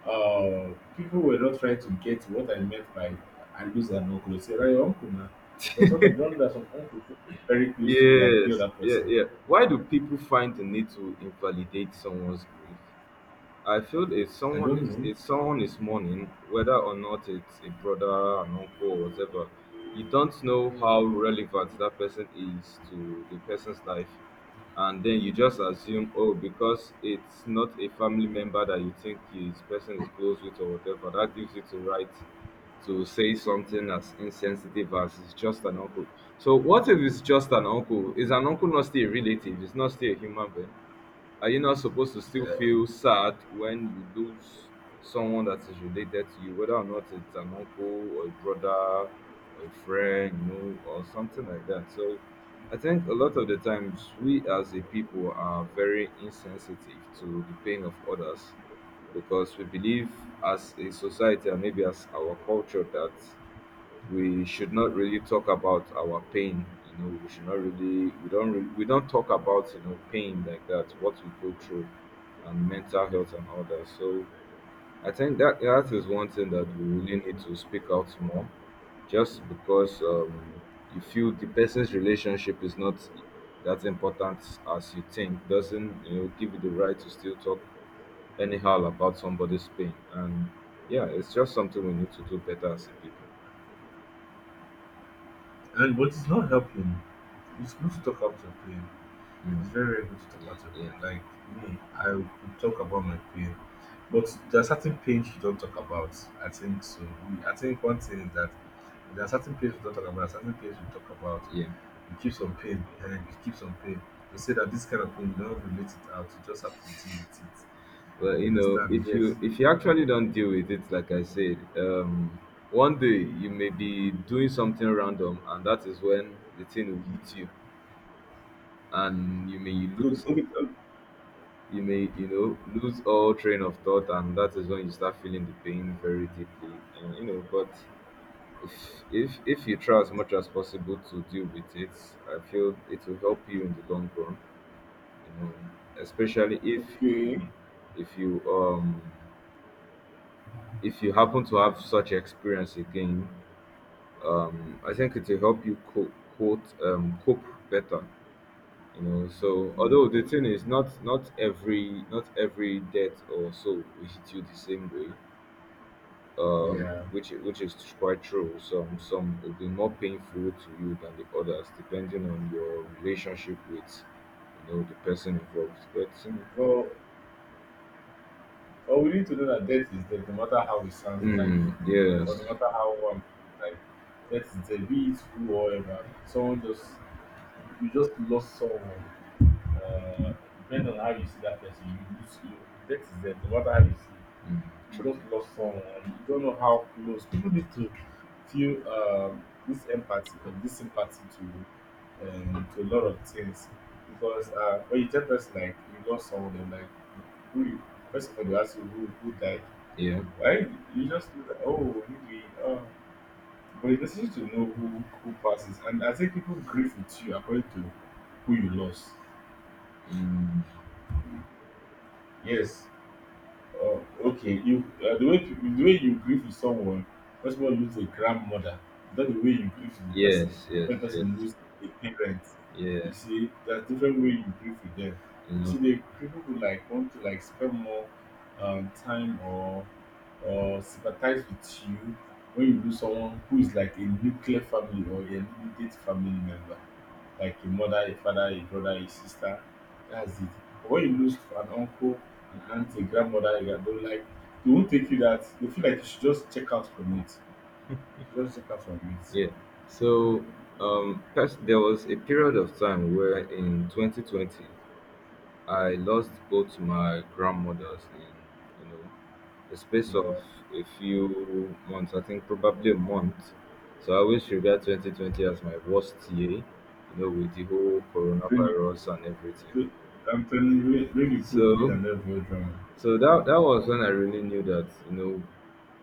[SPEAKER 1] uh People were not trying to get what I meant by I lose an uncle. They say, right, your uncle now. But sometimes don't that some uncle feel very close to you than any
[SPEAKER 2] Yes,
[SPEAKER 1] other
[SPEAKER 2] yeah,
[SPEAKER 1] person?
[SPEAKER 2] yeah. Why do people find the need to invalidate someone's grief? I feel if
[SPEAKER 1] I
[SPEAKER 2] someone
[SPEAKER 1] don't
[SPEAKER 2] is
[SPEAKER 1] know.
[SPEAKER 2] if someone is mourning, whether or not it's a brother, an uncle, or whatever, you don't know how relevant that person is to the person's life, and then you just assume, oh, because it's not a family member that you think this person is close with or whatever, that gives you the right to say something as insensitive as it's just an uncle. So what if it's just an uncle? Is an uncle not still a relative? It's not still a human being? Are you not supposed to still feel sad when you lose someone that is related to you, whether or not it's an uncle or a brother or a friend, you know, or something like that? So I think a lot of the times we as a people are very insensitive to the pain of others because we believe as a society and maybe as our culture that we should not really talk about our pain, you know, we should not really we don't really, we don't talk about, you know, pain like that, what we go through, and mental health and all that. So I think that that is one thing that we really need to speak out more. Just because um you feel the person's relationship is not that important as you think doesn't, you know, give you the right to still talk anyhow about somebody's pain. And yeah, it's just something we need to do better as a people.
[SPEAKER 1] And but it's not helping. It's good to talk out your pain.
[SPEAKER 2] Mm.
[SPEAKER 1] It's very, very good to talk
[SPEAKER 2] Yeah,
[SPEAKER 1] out your
[SPEAKER 2] yeah.
[SPEAKER 1] pain. Like me, I could talk about my pain, but there are certain pains you don't talk about. I think so. We, I think one thing is that there are certain pains we don't talk about, certain pains we talk about.
[SPEAKER 2] Yeah.
[SPEAKER 1] We keep some pain behind, we keep some pain. We say that this kind of pain, you don't relate it out, you just have to deal with it.
[SPEAKER 2] Well, you
[SPEAKER 1] You
[SPEAKER 2] know,
[SPEAKER 1] understand?
[SPEAKER 2] if
[SPEAKER 1] Yes.
[SPEAKER 2] you if you actually don't deal with it, like I said, um, one day you may be doing something random, and that is when the thing will hit you, and you may
[SPEAKER 1] Good.
[SPEAKER 2] lose,
[SPEAKER 1] Okay.
[SPEAKER 2] you may you know lose all train of thought, and that is when you start feeling the pain very deeply, and you know. But if if if you try as much as possible to deal with it, I feel it will help you in the long run, you know, especially if
[SPEAKER 1] Okay.
[SPEAKER 2] if you um if you happen to have such experience again. um, I think it will help you cope, quote, um, cope better. You know, so
[SPEAKER 1] Mm.
[SPEAKER 2] although the thing is not not every not every death or so will hit you the same way,
[SPEAKER 1] Yeah.
[SPEAKER 2] which which is quite true. Some some will be more painful to you than the others, depending on your relationship with you know the person involved. But mm,
[SPEAKER 1] Well, but we need to know that death is death, no matter how it sounds like,
[SPEAKER 2] mm,
[SPEAKER 1] or no
[SPEAKER 2] yes,
[SPEAKER 1] matter how one, like, death is death. Be it who or ever, someone just, you, you just lost someone. Uh, depending on how you see that person, you lose you. Death is death, no matter how you see it.
[SPEAKER 2] mm, true,
[SPEAKER 1] You just lost someone, and you don't know how close. People need to feel um, this empathy or this sympathy to um, to a lot of things. Because uh, when you tell person like you lost someone, they're like, who you? First of all, they ask you who, who died,
[SPEAKER 2] yeah,
[SPEAKER 1] why. You just feel like, oh, maybe uh, but it's necessary to know who who passes. And I think people grieve with you according to who you lost.
[SPEAKER 2] mm,
[SPEAKER 1] Yes. Oh, okay. You, uh, the way peop- the way you grieve with someone once more lose a grandmother, not the way you grieve with the person.
[SPEAKER 2] yes, yes,
[SPEAKER 1] When
[SPEAKER 2] yes,
[SPEAKER 1] person lose a parent,
[SPEAKER 2] yeah.
[SPEAKER 1] you see there's different way you grieve with them.
[SPEAKER 2] You
[SPEAKER 1] You
[SPEAKER 2] know,
[SPEAKER 1] see, the people who like want to like spend more um, time or or sympathize with you when you lose someone who is like a nuclear family or a immediate family member, like a mother, a father, a brother, a sister. That's it. But when you lose an uncle, an aunt, a grandmother, you don't like, they won't take you that. They feel like you should just check out from it. You just check out from it.
[SPEAKER 2] yeah. So um, pers- there was a period of time where in twenty twenty I lost both my grandmothers in you know a space of
[SPEAKER 1] Yeah.
[SPEAKER 2] a few months. I think probably a month. So I always regard twenty twenty as my worst year. You know, with the whole
[SPEAKER 1] When
[SPEAKER 2] coronavirus and everything.
[SPEAKER 1] you, I'm telling you, when when you go
[SPEAKER 2] So
[SPEAKER 1] feel an level drama.
[SPEAKER 2] so that that was when I really knew that you know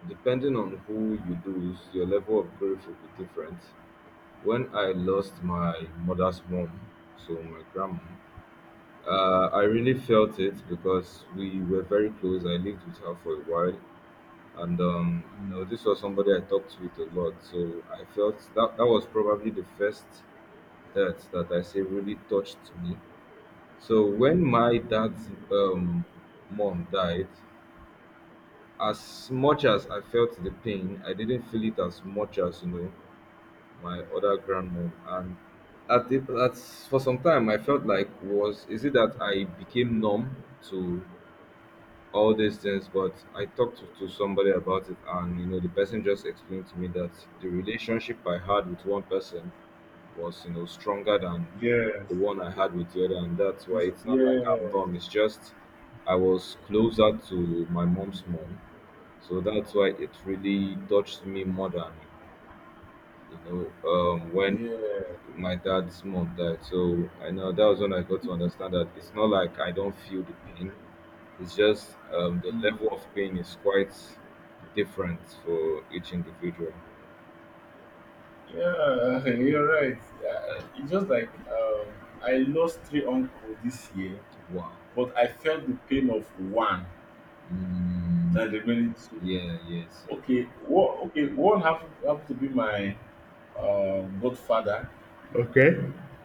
[SPEAKER 2] depending on who you lose, your level of grief will be different. When I lost my mother's mom, so my grandma, uh, I really felt it because we were very close. I lived with her for a while, and um, you know,
[SPEAKER 1] Mm.
[SPEAKER 2] this was somebody I talked with a lot. So I felt that that was probably the first death that I say really touched me. So when my dad's um, mom died, as much as I felt the pain, I didn't feel it as much as you know my other grandmom, and at the at for some time I felt like was, is it that I became numb to all these things? But I talked to, to somebody about it, and you know the person just explained to me that the relationship I had with one person was you know stronger than
[SPEAKER 1] Yes.
[SPEAKER 2] the one I had with the other, and that's why
[SPEAKER 1] It's-
[SPEAKER 2] it's not like I'm
[SPEAKER 1] Yeah.
[SPEAKER 2] numb, it's just I was closer to my mom's mom, so that's why it really touched me more than you know, um, when
[SPEAKER 1] Yeah.
[SPEAKER 2] my dad's mom died. So I know that was when I got to understand that it's not like I don't feel the pain. It's just um, the
[SPEAKER 1] Mm.
[SPEAKER 2] level of pain is quite different for each individual.
[SPEAKER 1] Yeah. [laughs] You're right. Uh, it's just like um, I lost three uncle this year,
[SPEAKER 2] Wow.
[SPEAKER 1] but I felt the pain of one.
[SPEAKER 2] Mm,
[SPEAKER 1] That remaining two.
[SPEAKER 2] yeah. Yes.
[SPEAKER 1] Okay, what okay, one happened happened to be my um godfather,
[SPEAKER 2] Okay.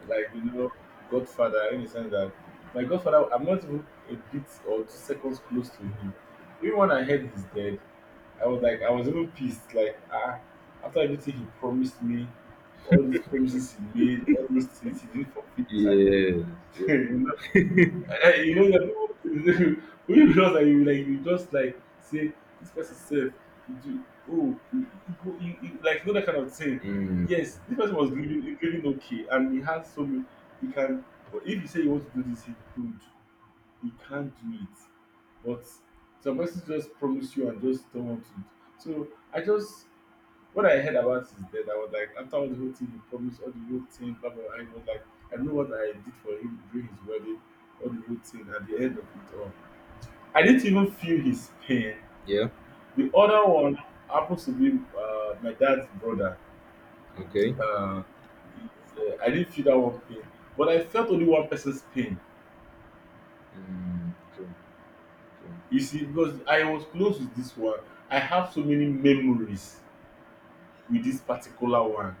[SPEAKER 1] like, you know, godfather in the sense that my godfather, I'm not even a bit or two seconds close to him. Even when I heard he's dead, I was like, I was even pissed, like, ah, after everything he promised me, all these promises he made, all those things he did for fit. [laughs] Exactly.
[SPEAKER 2] Yes. Yeah.
[SPEAKER 1] Eh, eh, you know that, [laughs] when you just that you like, you just like say this person said you do, oh you, you, you, you, like, you know, that kind of thing.
[SPEAKER 2] Mm,
[SPEAKER 1] Yes, this person was living, living okay, and he has so many, he can, but if you say you want to do this, he could, he can't do it. But some person just promise you and just don't want to. So I just what I heard about his death, I was like, after all the whole thing he promised, all the whole thing, blah blah, blah, I was like, I know what I did for him during his wedding, all the whole thing. At the end of it all, I didn't even feel his pain.
[SPEAKER 2] yeah.
[SPEAKER 1] The other one happens to be uh, my dad's brother.
[SPEAKER 2] Okay.
[SPEAKER 1] Uh, it's, uh, I didn't feel that one pain, but I felt only one person's pain.
[SPEAKER 2] Mm, true. True.
[SPEAKER 1] You see, because I was close with this one, I have so many memories with this particular one.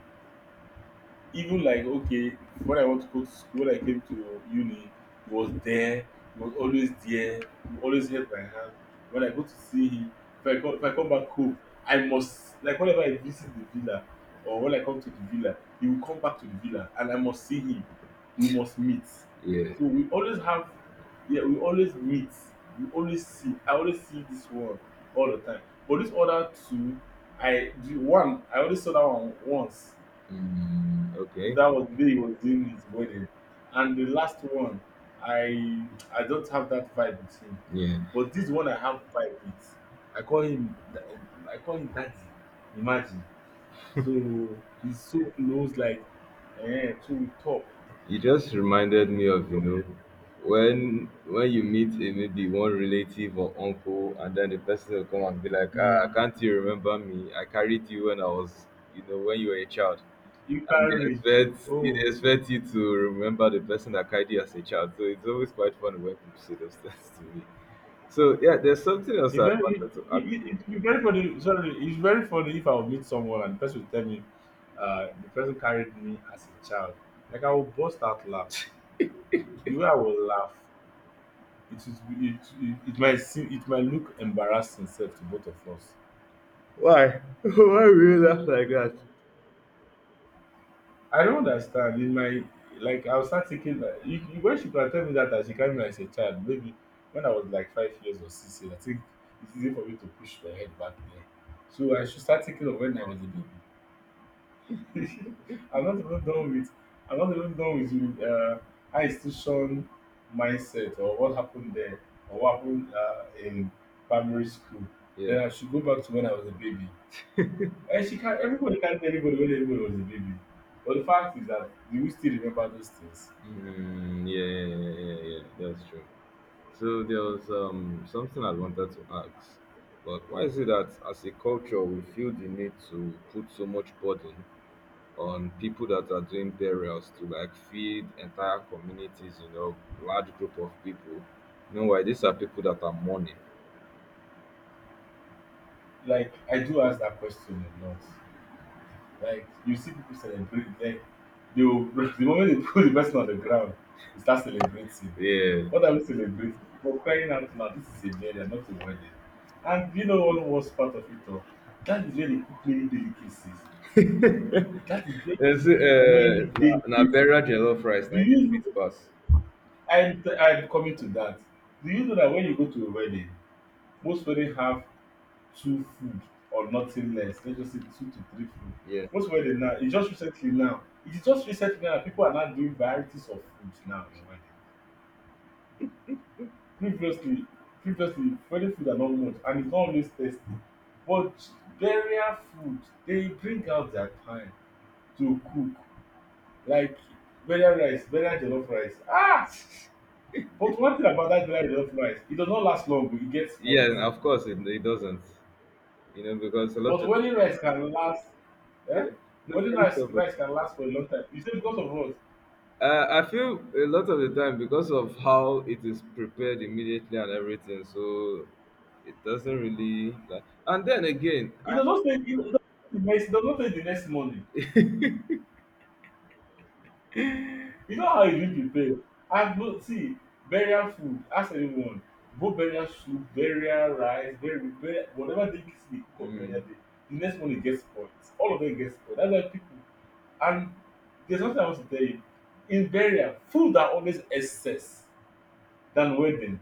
[SPEAKER 1] Even like, okay, when I want to go to school, when I came to uni, he was there. He was always there. He always held my hand. When I go to see him, if i come if I come back home, I must, like whenever I visit the villa or when I come to the villa, he will come back to the villa and I must see him. We must meet.
[SPEAKER 2] Yeah.
[SPEAKER 1] So we always have, yeah, we always meet, we always see, I always see this one all the time. But this other two, I, the one I already saw that one once,
[SPEAKER 2] Mm, okay.
[SPEAKER 1] that was the day he was doing his wedding. And the last one, i I don't have that vibe with him.
[SPEAKER 2] Yeah.
[SPEAKER 1] But this one I have vibe with. i call him I call him daddy. Imagine. So he's so close, like, eh, so we talk.
[SPEAKER 2] You just reminded me of, you
[SPEAKER 1] So
[SPEAKER 2] know, when when you meet a, maybe one relative or uncle, and then the person will come and be like, ah,
[SPEAKER 1] um
[SPEAKER 2] can't you remember me? I carried you when I was, you know, when you were a child.
[SPEAKER 1] you can
[SPEAKER 2] And they
[SPEAKER 1] read.
[SPEAKER 2] expect they
[SPEAKER 1] Oh,
[SPEAKER 2] expect you to remember the person that carried you as a child. So it's always quite funny when people say those things to me. So yeah, there's something else
[SPEAKER 1] he
[SPEAKER 2] I
[SPEAKER 1] very he
[SPEAKER 2] wanted to
[SPEAKER 1] he
[SPEAKER 2] ask you.
[SPEAKER 1] he he very funny. Sorry, it's very funny if I will meet someone and the person will tell me uh the person carried me as a child. Like, I will burst out laugh. The way I will laugh, it is it it it might seem, it might look embarrassing sef to both of us.
[SPEAKER 2] Why? [laughs] Why will you laugh like that?
[SPEAKER 1] I don't understand. In my, like, I will start thinking like, you you when she can tell me that, that she carry me as a child, maybe when I was like five years or six years, I think. It's easy for me to push my head back there. So I should start thinking of when I was a baby. [laughs] I'm not even done with I'm not even done with you, uh high institution mindset or what happened there, or what happened uh, in primary school.
[SPEAKER 2] Yeah.
[SPEAKER 1] Then I should go back to when I was a baby. And she can't, everybody can't tell anybody when everybody was a baby. But the fact is that, do we still remember those things?
[SPEAKER 2] Mm, yeah, yeah, yeah, yeah, yeah, yeah. That's true. So there was um, something I wanted to ask, but why is it that as a culture we feel the need to put so much burden on people that are doing burials to like feed entire communities, you know, large group of people? You know why? These are people that are mourning.
[SPEAKER 1] Like, I do ask that question a lot. Like, you see people celebrate, like they will, [laughs] the moment they [laughs] put the person on the ground, they start celebrating.
[SPEAKER 2] Yeah.
[SPEAKER 1] What are we celebrating? For crying out loud, this is a burial, not a wedding. And you know one worst part of it all? That is where they cook many delicacies. That is where
[SPEAKER 2] Yes, uh,
[SPEAKER 1] you see many
[SPEAKER 2] na, na
[SPEAKER 1] delicacies.
[SPEAKER 2] burial jollof rice, na
[SPEAKER 1] Do
[SPEAKER 2] it
[SPEAKER 1] you know?
[SPEAKER 2] fit pass.
[SPEAKER 1] I'm, I'm coming to that. Do you know that when you go to a wedding, most weddings have two food or nothing less? Let's just say two to three food.
[SPEAKER 2] Yeah.
[SPEAKER 1] Most wedding now, it's just recently now, it is just recently now that people are now doing varieties of food now in wedding. Previously, Previously wedding food are not much and it's not always tasty. But burial food, they bring out their time to cook. Like burial rice, burial jollof rice. Ah! But one thing about that burial jollof rice, it does not last long, but it gets
[SPEAKER 2] Yeah,
[SPEAKER 1] spoiled.
[SPEAKER 2] and of course it, it doesn't. You know, because a lot
[SPEAKER 1] But
[SPEAKER 2] of
[SPEAKER 1] wedding rice can last. Eh?
[SPEAKER 2] yeah. No,
[SPEAKER 1] Wedding
[SPEAKER 2] finish
[SPEAKER 1] rice,
[SPEAKER 2] up.
[SPEAKER 1] rice can last for a long time. You say because of what?
[SPEAKER 2] Uh, I feel a lot of the time because of how it is prepared immediately and everything, so it doesn't really like. And then again,
[SPEAKER 1] It
[SPEAKER 2] I,
[SPEAKER 1] does not take. It does not take the next. It does not take the next morning. You know how you do prepare. And but see, burial food. Ask anyone. Both burial soup, burial rice, burial, burial whatever they kiss the cook of
[SPEAKER 2] mm,
[SPEAKER 1] burial day. The next morning gets spoiled. All of them gets spoiled. That's why people. And there's nothing I want to tell you. In burial, food are always excess than wedding.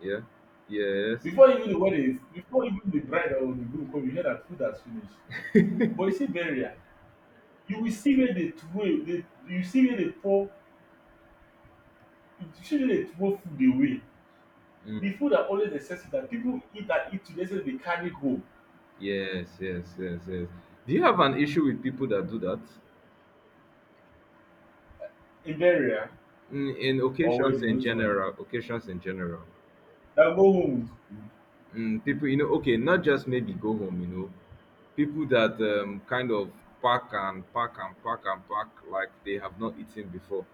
[SPEAKER 2] yeah, yes,
[SPEAKER 1] Before even the wedding, before even the bride or the groom come, you hear dat food has finish. But you see burial, you will see where dey troway dey, you see where dey pour, you see where dey throw food away. The
[SPEAKER 2] mm,
[SPEAKER 1] food are always excessive dat pipu eat and eat to the ex ten t dey carry go.
[SPEAKER 2] yes, yes, yes, yes. Do you have an issue with people that do that?
[SPEAKER 1] In burial
[SPEAKER 2] Mm, in
[SPEAKER 1] or
[SPEAKER 2] occasions
[SPEAKER 1] wedding,
[SPEAKER 2] in
[SPEAKER 1] which one?
[SPEAKER 2] general, occasions in general,
[SPEAKER 1] Na go home with food.
[SPEAKER 2] mm, people, you know, okay, not just maybe go home, you know, people that um, kind of pack and pack and pack and pack like they have not eaten before.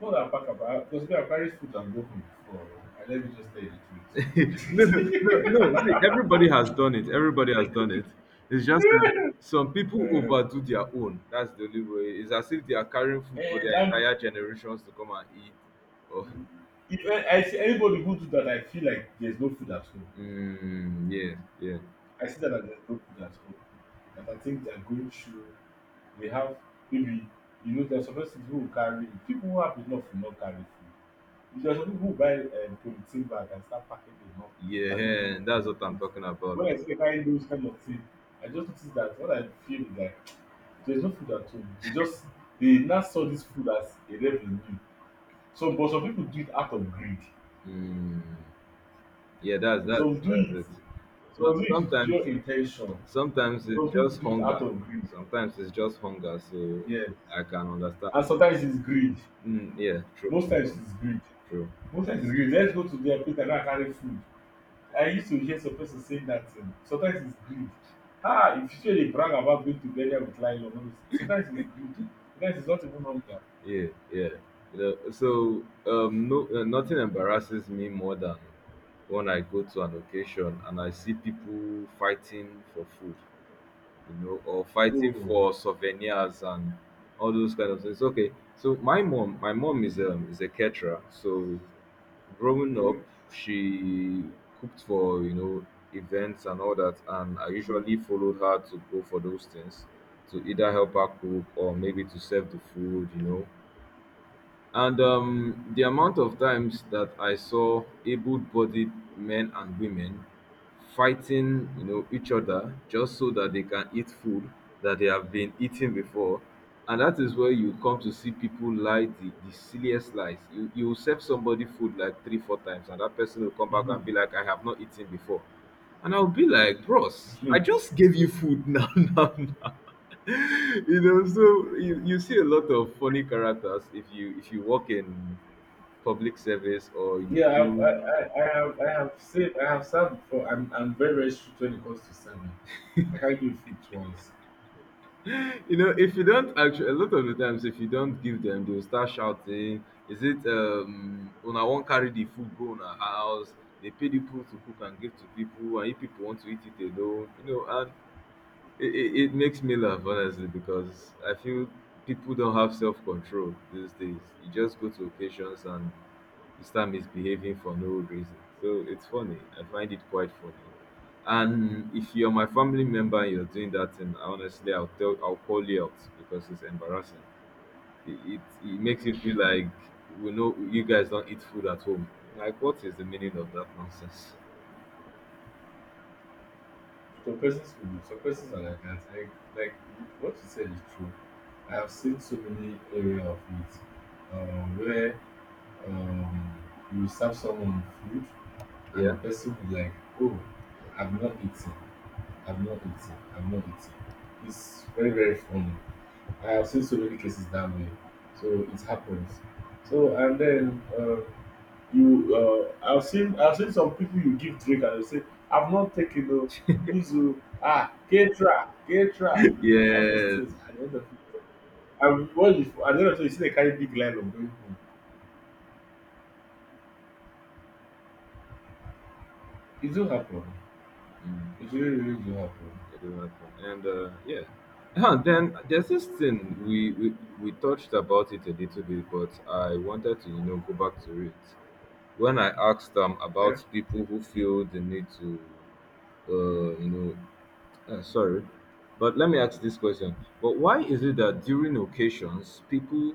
[SPEAKER 1] No na pack am, I cos me I carry food and go home before oo. And let me just tell you the
[SPEAKER 2] [laughs] No, no, no,
[SPEAKER 1] truth. [laughs]
[SPEAKER 2] no. See, everybody has done it. Everybody has done it. It's just um, some people
[SPEAKER 1] um
[SPEAKER 2] overdo their own. That's the only way. It's as if they are carrying food for their
[SPEAKER 1] dat
[SPEAKER 2] entire generations to come and eat. Oh,
[SPEAKER 1] if I, I see anybody who do dat, I feel like there is no food at home.
[SPEAKER 2] mm, yeah, yeah,
[SPEAKER 1] I see them as a group that's hope. That I think they're going through, they have maybe, you know, there's some persons who will carry, people who have enough will not carry food. There's some people who buy um, polythene bag and start packing them up, packing
[SPEAKER 2] yeah.
[SPEAKER 1] food
[SPEAKER 2] That's what
[SPEAKER 1] to
[SPEAKER 2] I'm
[SPEAKER 1] eat.
[SPEAKER 2] talking about.
[SPEAKER 1] When I see them carrying those kind of things, I just notice that what I feel is that there's no food at home. They just, they now saw this food as a revenue. So, but some people do it out of greed.
[SPEAKER 2] Mm, yeah, that's that's
[SPEAKER 1] Some do
[SPEAKER 2] that's
[SPEAKER 1] it,
[SPEAKER 2] it. But
[SPEAKER 1] some do it with
[SPEAKER 2] sometimes,
[SPEAKER 1] pure intention.
[SPEAKER 2] sometimes it's
[SPEAKER 1] Some people
[SPEAKER 2] just
[SPEAKER 1] do it
[SPEAKER 2] hunger.
[SPEAKER 1] out of greed.
[SPEAKER 2] Sometimes it's just hunger. So
[SPEAKER 1] Yes.
[SPEAKER 2] I can understand.
[SPEAKER 1] And sometimes it's greed,
[SPEAKER 2] Mm, yeah, true.
[SPEAKER 1] most times it's greed
[SPEAKER 2] True.
[SPEAKER 1] Most times it's greed, let's go to their place and go and carry food. I used to hear some person saying that, um, sometimes it's greed. Ah, if you say they brag about going to burial with lion, no, no. Sometimes it's greed, sometimes it's not even hunger.
[SPEAKER 2] Yeah, yeah. You know, so um, no, uh, nothing embarrasses me more than when I go to an occasion and I see people fighting for food, you know, or fighting
[SPEAKER 1] Oh,
[SPEAKER 2] for souvenirs and all those kind of things. Okay, so my mom, my mom is um is a caterer. So growing up,
[SPEAKER 1] okay.
[SPEAKER 2] she cooked for you know events and all that, and I
[SPEAKER 1] um,
[SPEAKER 2] usually followed her to go for those things to either help her cook or maybe to serve the food, you know, and um, the amount of times that I saw able-bodied men and women fighting, you know, each other just so that they can eat food that they have been eating before. And that is where you come to see people lie the, the silliest lies. You you will serve somebody food like three, four times, and that person will come back and be like, I have not eaten before. And I'll be like, bros, I just gave you food [laughs] now, now, now. [laughs] You know, so you, you see a lot of funny characters if you if you work in public service or you
[SPEAKER 1] yeah, I,
[SPEAKER 2] do
[SPEAKER 1] I I I have I have saved I have served before. I'm i'm very very strict when it comes to serving. I can't give food twice.
[SPEAKER 2] [laughs] you know if you don't actually a lot of the times if you don't give them they'll start shouting is it um when I will carry the food go on a house, they pay the people to cook and give to people, and if people want to eat it they don't, you know. And It, it, it makes me laugh, honestly, because I feel people don't have self control these days. You just go to occasions and you start misbehaving for no reason. So it's funny. I find it quite funny. And if you're my family member and you're doing that thing, honestly, I'll tell, I'll call you out because it's embarrassing. It, it, it makes you feel like we know you guys don't eat food at home. Like, what is the meaning of that nonsense?
[SPEAKER 1] Some persons will. Be, some persons are like that. I Like what you said is true. I have seen so many area of it, um, where um, you serve someone food and
[SPEAKER 2] Yeah.
[SPEAKER 1] the person will like, oh, I've not eaten, I've not eaten, I've not eaten. It's very very funny. I have seen so many cases that way, so it happens. So and then, uh, you, uh, i've seen i've seen some people, you give drink and they say, I've not taken o, please oh. Ah, caterer, caterer,
[SPEAKER 2] [laughs]
[SPEAKER 1] all those
[SPEAKER 2] Yes.
[SPEAKER 1] things at the end of it. And what if at the end of it, you still dey carry big line of going home. It do happen,
[SPEAKER 2] Mm.
[SPEAKER 1] e really really do happen.
[SPEAKER 2] Yeah, they were fun. And uh, yeah. Huh, then there's this thing we, we we touched about it a little bit, but I wanted to you know go back to it when I asked them
[SPEAKER 1] Okay.
[SPEAKER 2] about people who feel the need to uh, you know uh, sorry, but let me ask this question. But why is it that during occasions, people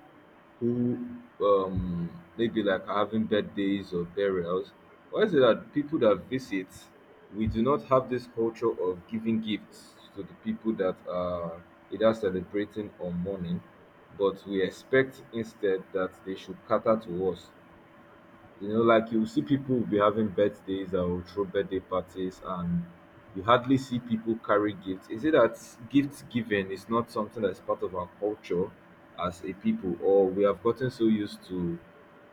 [SPEAKER 2] who um, maybe like are having birthdays or burials, why is it that people that visit, we do not have this culture of giving gifts to the people that are either celebrating or mourning, but we expect instead that they should cater to us, you know, like you see people will be having birthdays or will throw birthday parties, and you hardly see people carry gifts. Is it that gift giving is not something that's part of our culture as a people, or we have gotten so used to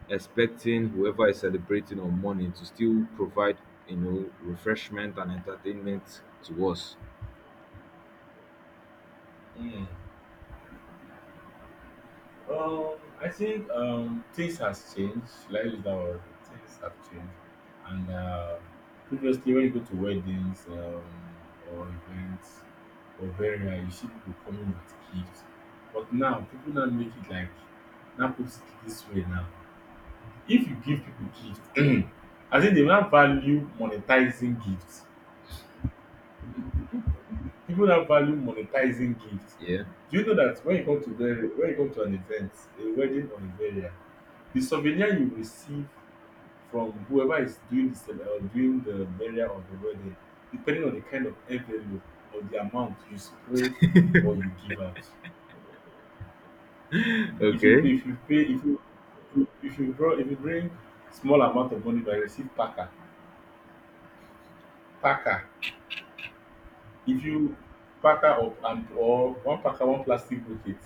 [SPEAKER 2] expecting whoever is celebrating on morning to still provide, you know, refreshment and entertainment to us?
[SPEAKER 1] Mm. Um, I think, um, things has changed. Should I use that word? Things have changed. And, uh, previously, when you go to weddings, um, or events, or very rare, you see people coming with gifts. But now, people now make it like, now put it this way now. If you give people gifts, [clears throat] I think they now value monetizing gifts. People now value monetizing gifts.
[SPEAKER 2] Yeah. [laughs]
[SPEAKER 1] Do you know that when you come to very, when you come to an event, a wedding or a burial, the souvenir you receive from whoever is doing the cele- or doing the burial or the wedding, depending on the kind of envelope or the amount you spread or you give out. If you
[SPEAKER 2] Okay.
[SPEAKER 1] pay, if you pay if you if you bro if you bring small amount of money but you receive packer, packer. If you packer up and or one packer, one plastic bucket.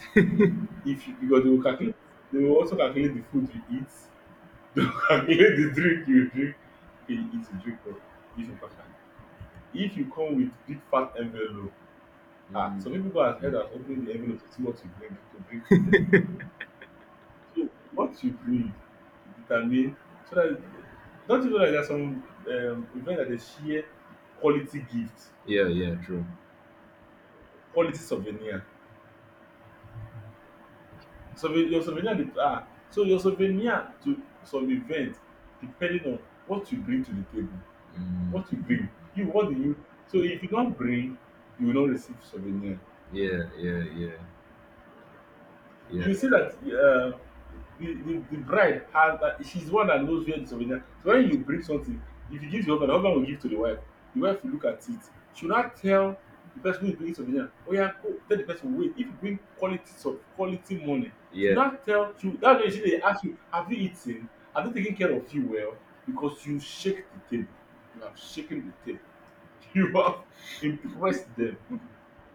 [SPEAKER 1] If you, because they will calculate, they will also calculate the food you eat. [laughs] They will calculate the drink you drink. Okay, you eat, you drink oh. If you packer, if you come with big fat envelope, ah, some people go ahead and open the envelope to see what you bring to bring to them. So what you bring determine, so that, don't you know that there some um, events that they share quality gifts,
[SPEAKER 2] Yeah. Yeah. True.
[SPEAKER 1] quality souvenir. So your souvenir dey, ah, so your souvenir to some event depending on what you bring to the table,
[SPEAKER 2] Mm,
[SPEAKER 1] what you bring, you what do you, so if you don bring, you will not receive souvenir.
[SPEAKER 2] yeah. Yeah. Yeah. Yeah.
[SPEAKER 1] You see that, uh, the, the the bride has that, she's the one that knows where the souvenir. So when you bring something, if you give the husband, the husband will give to the wife. The wife will look at it. She will not tell the person who is bringing souvenir. Oh yeah, go tell the person wait. If you bring quality of quality money, she
[SPEAKER 2] Yeah.
[SPEAKER 1] will not tell. She will, that's why she, they ask you, have you eaten? Have they taken care of you well? Because you shake the table. You have shaken the table. [laughs] You have impressed them.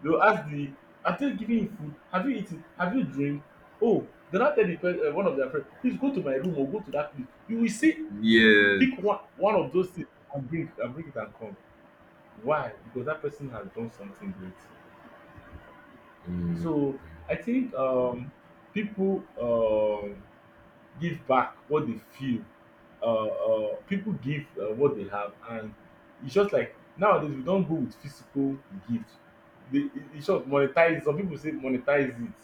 [SPEAKER 1] They will ask, the after giving you food, have you eaten? Have you drink? Oh, they now tell the pe- um one of their friend, please go to my room or go to that place. You will see,
[SPEAKER 2] Yes.
[SPEAKER 1] pick one one of those things and bring and bring it and come. Why? Because that person has done something great.
[SPEAKER 2] Mm.
[SPEAKER 1] So I think, um people, um give back what they feel. Uh, uh people give, uh, what they have. And it's just like nowadays we don't go with physical gift. They, it- it's just monetize. Some people say monetize it,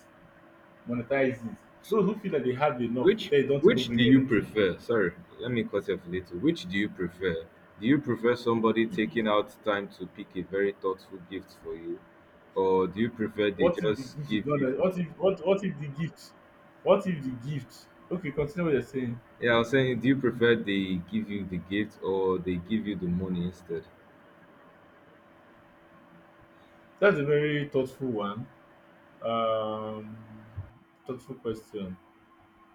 [SPEAKER 1] monetize it. Those who feel that they have enough, but
[SPEAKER 2] Which
[SPEAKER 1] they don't even
[SPEAKER 2] which do
[SPEAKER 1] bring
[SPEAKER 2] you
[SPEAKER 1] anything.
[SPEAKER 2] prefer? Sorry, let me cut off a little. Which do you prefer? Do you prefer somebody taking out time to pick a very thoughtful gift for you? Or do you prefer they
[SPEAKER 1] What if the gift
[SPEAKER 2] just
[SPEAKER 1] is
[SPEAKER 2] give
[SPEAKER 1] not?
[SPEAKER 2] you.
[SPEAKER 1] That- What if what what if the gift? What if the gift? Okay, continue what you're saying.
[SPEAKER 2] Yeah, I was saying do you prefer they give you the gift or they give you the money instead?
[SPEAKER 1] That's a very thoughtful one. Um, Thoughtful question.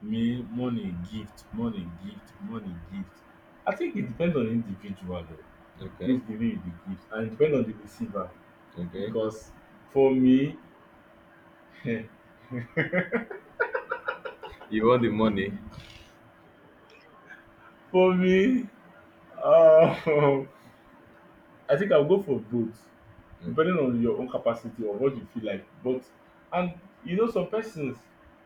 [SPEAKER 1] Me, money, gift, money, gift, money, gift. I think it depends on the individual though,
[SPEAKER 2] Okay,
[SPEAKER 1] who's giving you the gift, and it depends on the receiver.
[SPEAKER 2] okay.
[SPEAKER 1] Because for me,
[SPEAKER 2] You want the money?
[SPEAKER 1] for me, uh, [laughs] I think I'll go for both.
[SPEAKER 2] Uh,
[SPEAKER 1] Depending on your own capacity or what you feel like. But and you know some persons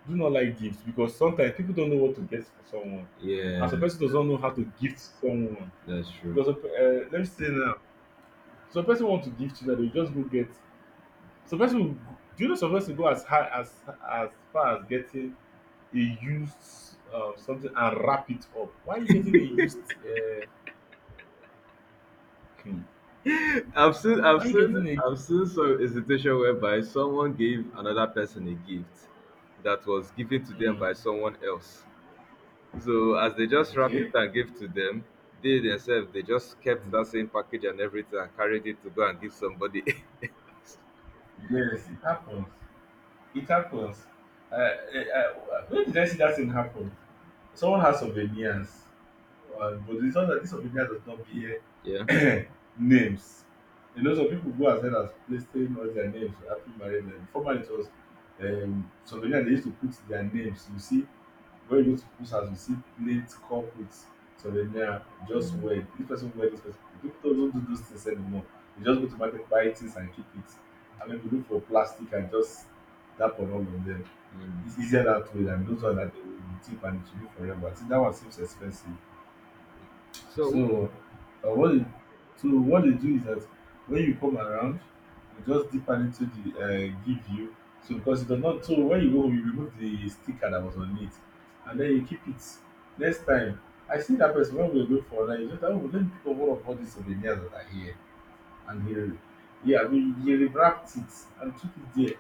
[SPEAKER 1] do not like gifts because sometimes people don't know what to get for someone, and some
[SPEAKER 2] Yeah,
[SPEAKER 1] person doesn't know how to gift someone
[SPEAKER 2] that's true.
[SPEAKER 1] because of, uh, let me say now, some person want to gift you that they just go get. Some person will, do you know some person go as high as as far as getting a used, uh, something and wrap it up. Why are you getting a used? Uh, hmm,
[SPEAKER 2] I've seen, I've
[SPEAKER 1] why are you
[SPEAKER 2] seen,
[SPEAKER 1] getting a?
[SPEAKER 2] I've seen some a situation whereby someone gave another person a gift that was given to them
[SPEAKER 1] Mm,
[SPEAKER 2] by someone else. So as they just wrapped
[SPEAKER 1] okay.
[SPEAKER 2] it and gave to them, they themselves they just kept
[SPEAKER 1] Mm,
[SPEAKER 2] that same package and everything and carried it to go and give somebody. [laughs]
[SPEAKER 1] yes, it happens. It happens. I, I, where did I see that thing happen? Someone has souvenirs, uh, but it's not that this souvenir does not
[SPEAKER 2] Yeah.
[SPEAKER 1] bear [clears throat] names. You know, some people go as well as placing all their names after marriage. And formerly, it was, um, souvenir they used to put their names. You see, when you go to people's house, you see plate, cup with souvenir, just
[SPEAKER 2] Mm.
[SPEAKER 1] wear. This person wear this person. People don't do those things anymore. They just go to market, buy things, and keep it. I mean, we look for plastic and just dump on all of them.
[SPEAKER 2] Mm.
[SPEAKER 1] It's easier that way than those ones that they will tip and it should be forever. I think that one seems expensive.
[SPEAKER 2] So
[SPEAKER 1] So, uh, what they, so what they do is that when you come around, you just dip hand into the, uh, give you. So because it does not, so when you go home, you remove the sticker that was on it and then you keep it. Next time I see that person when we were going for online, you just, oh let me pick up one of all these souvenirs that are here. And he yeah we He rewrapped it and took it there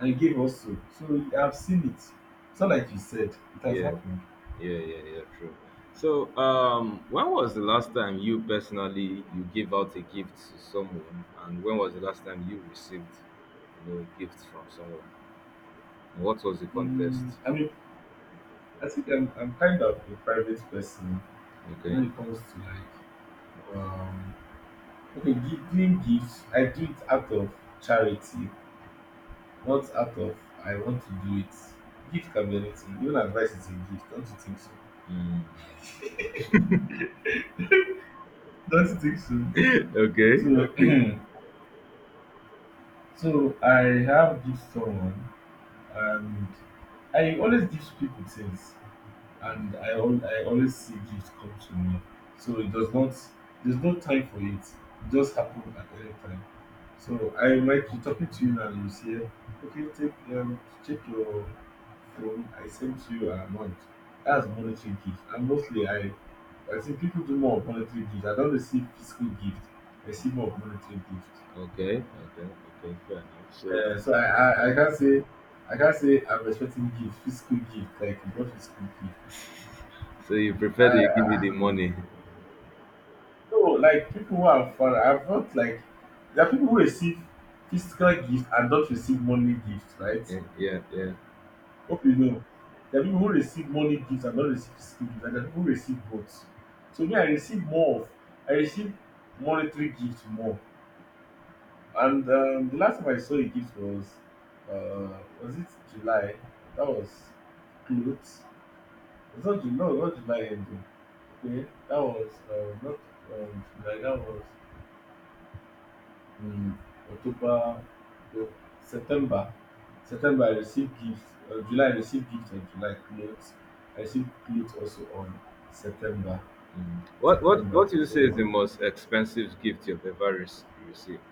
[SPEAKER 1] and gave us. So so I've seen it. It's not like you said, it has
[SPEAKER 2] yeah.
[SPEAKER 1] happened.
[SPEAKER 2] Yeah, yeah, yeah, true. So, um, when was the last time you personally you gave out a gift to someone, and when was the last time you received, you know, a gift from someone? And what was the
[SPEAKER 1] Mm,
[SPEAKER 2] context?
[SPEAKER 1] I mean, I think I'm I'm kind of a private person
[SPEAKER 2] Okay.
[SPEAKER 1] when it comes to like, um okay, gi- giving gifts. I do it out of charity, not out of, I want to do it. Gift can be anything. Even advice is a gift. Don't you think so?
[SPEAKER 2] Mm.
[SPEAKER 1] Don't you think so?
[SPEAKER 2] [laughs] Okay.
[SPEAKER 1] So [clears throat] so I have gift someone. And I always give people things, and I al- I always see gifts come to me. So it does not there's no time for it. It just happens at any time. So I might be talking to you now, and you say, okay, take, um check your phone. I sent you an amount. That's monetary gift, and mostly I I think people do more of monetary gifts. I don't receive physical gift. I see more of monetary gift.
[SPEAKER 2] Okay. Okay. Okay. Fair enough. So,
[SPEAKER 1] Eh, So, I, I, I can't say, I can't say I'm expecting gift, physical gift, like you got physical gift.
[SPEAKER 2] so you prefer
[SPEAKER 1] I,
[SPEAKER 2] they give you the
[SPEAKER 1] I
[SPEAKER 2] money?
[SPEAKER 1] No like people who are far, I've not like, there are people who receive physical gift and don't receive money gift, right?
[SPEAKER 2] Okay. Yeah. Yeah.
[SPEAKER 1] Hope you know. There are people who receive money gift and don't receive physical gift, and there are people who receive both. So me I receive more of I receive monetary gift more. And um, the last time I saw a gift was uh was it July? That was clothes. It's not July. No, not July ending. Okay, that was uh, not um, July. That was um, October, no, September. September I received gifts. Uh, July I received gifts and July clothes. I received clothes also on September.
[SPEAKER 2] Mm. What What What
[SPEAKER 1] September.
[SPEAKER 2] do you say is the
[SPEAKER 1] So
[SPEAKER 2] most expensive gift you've ever re- received?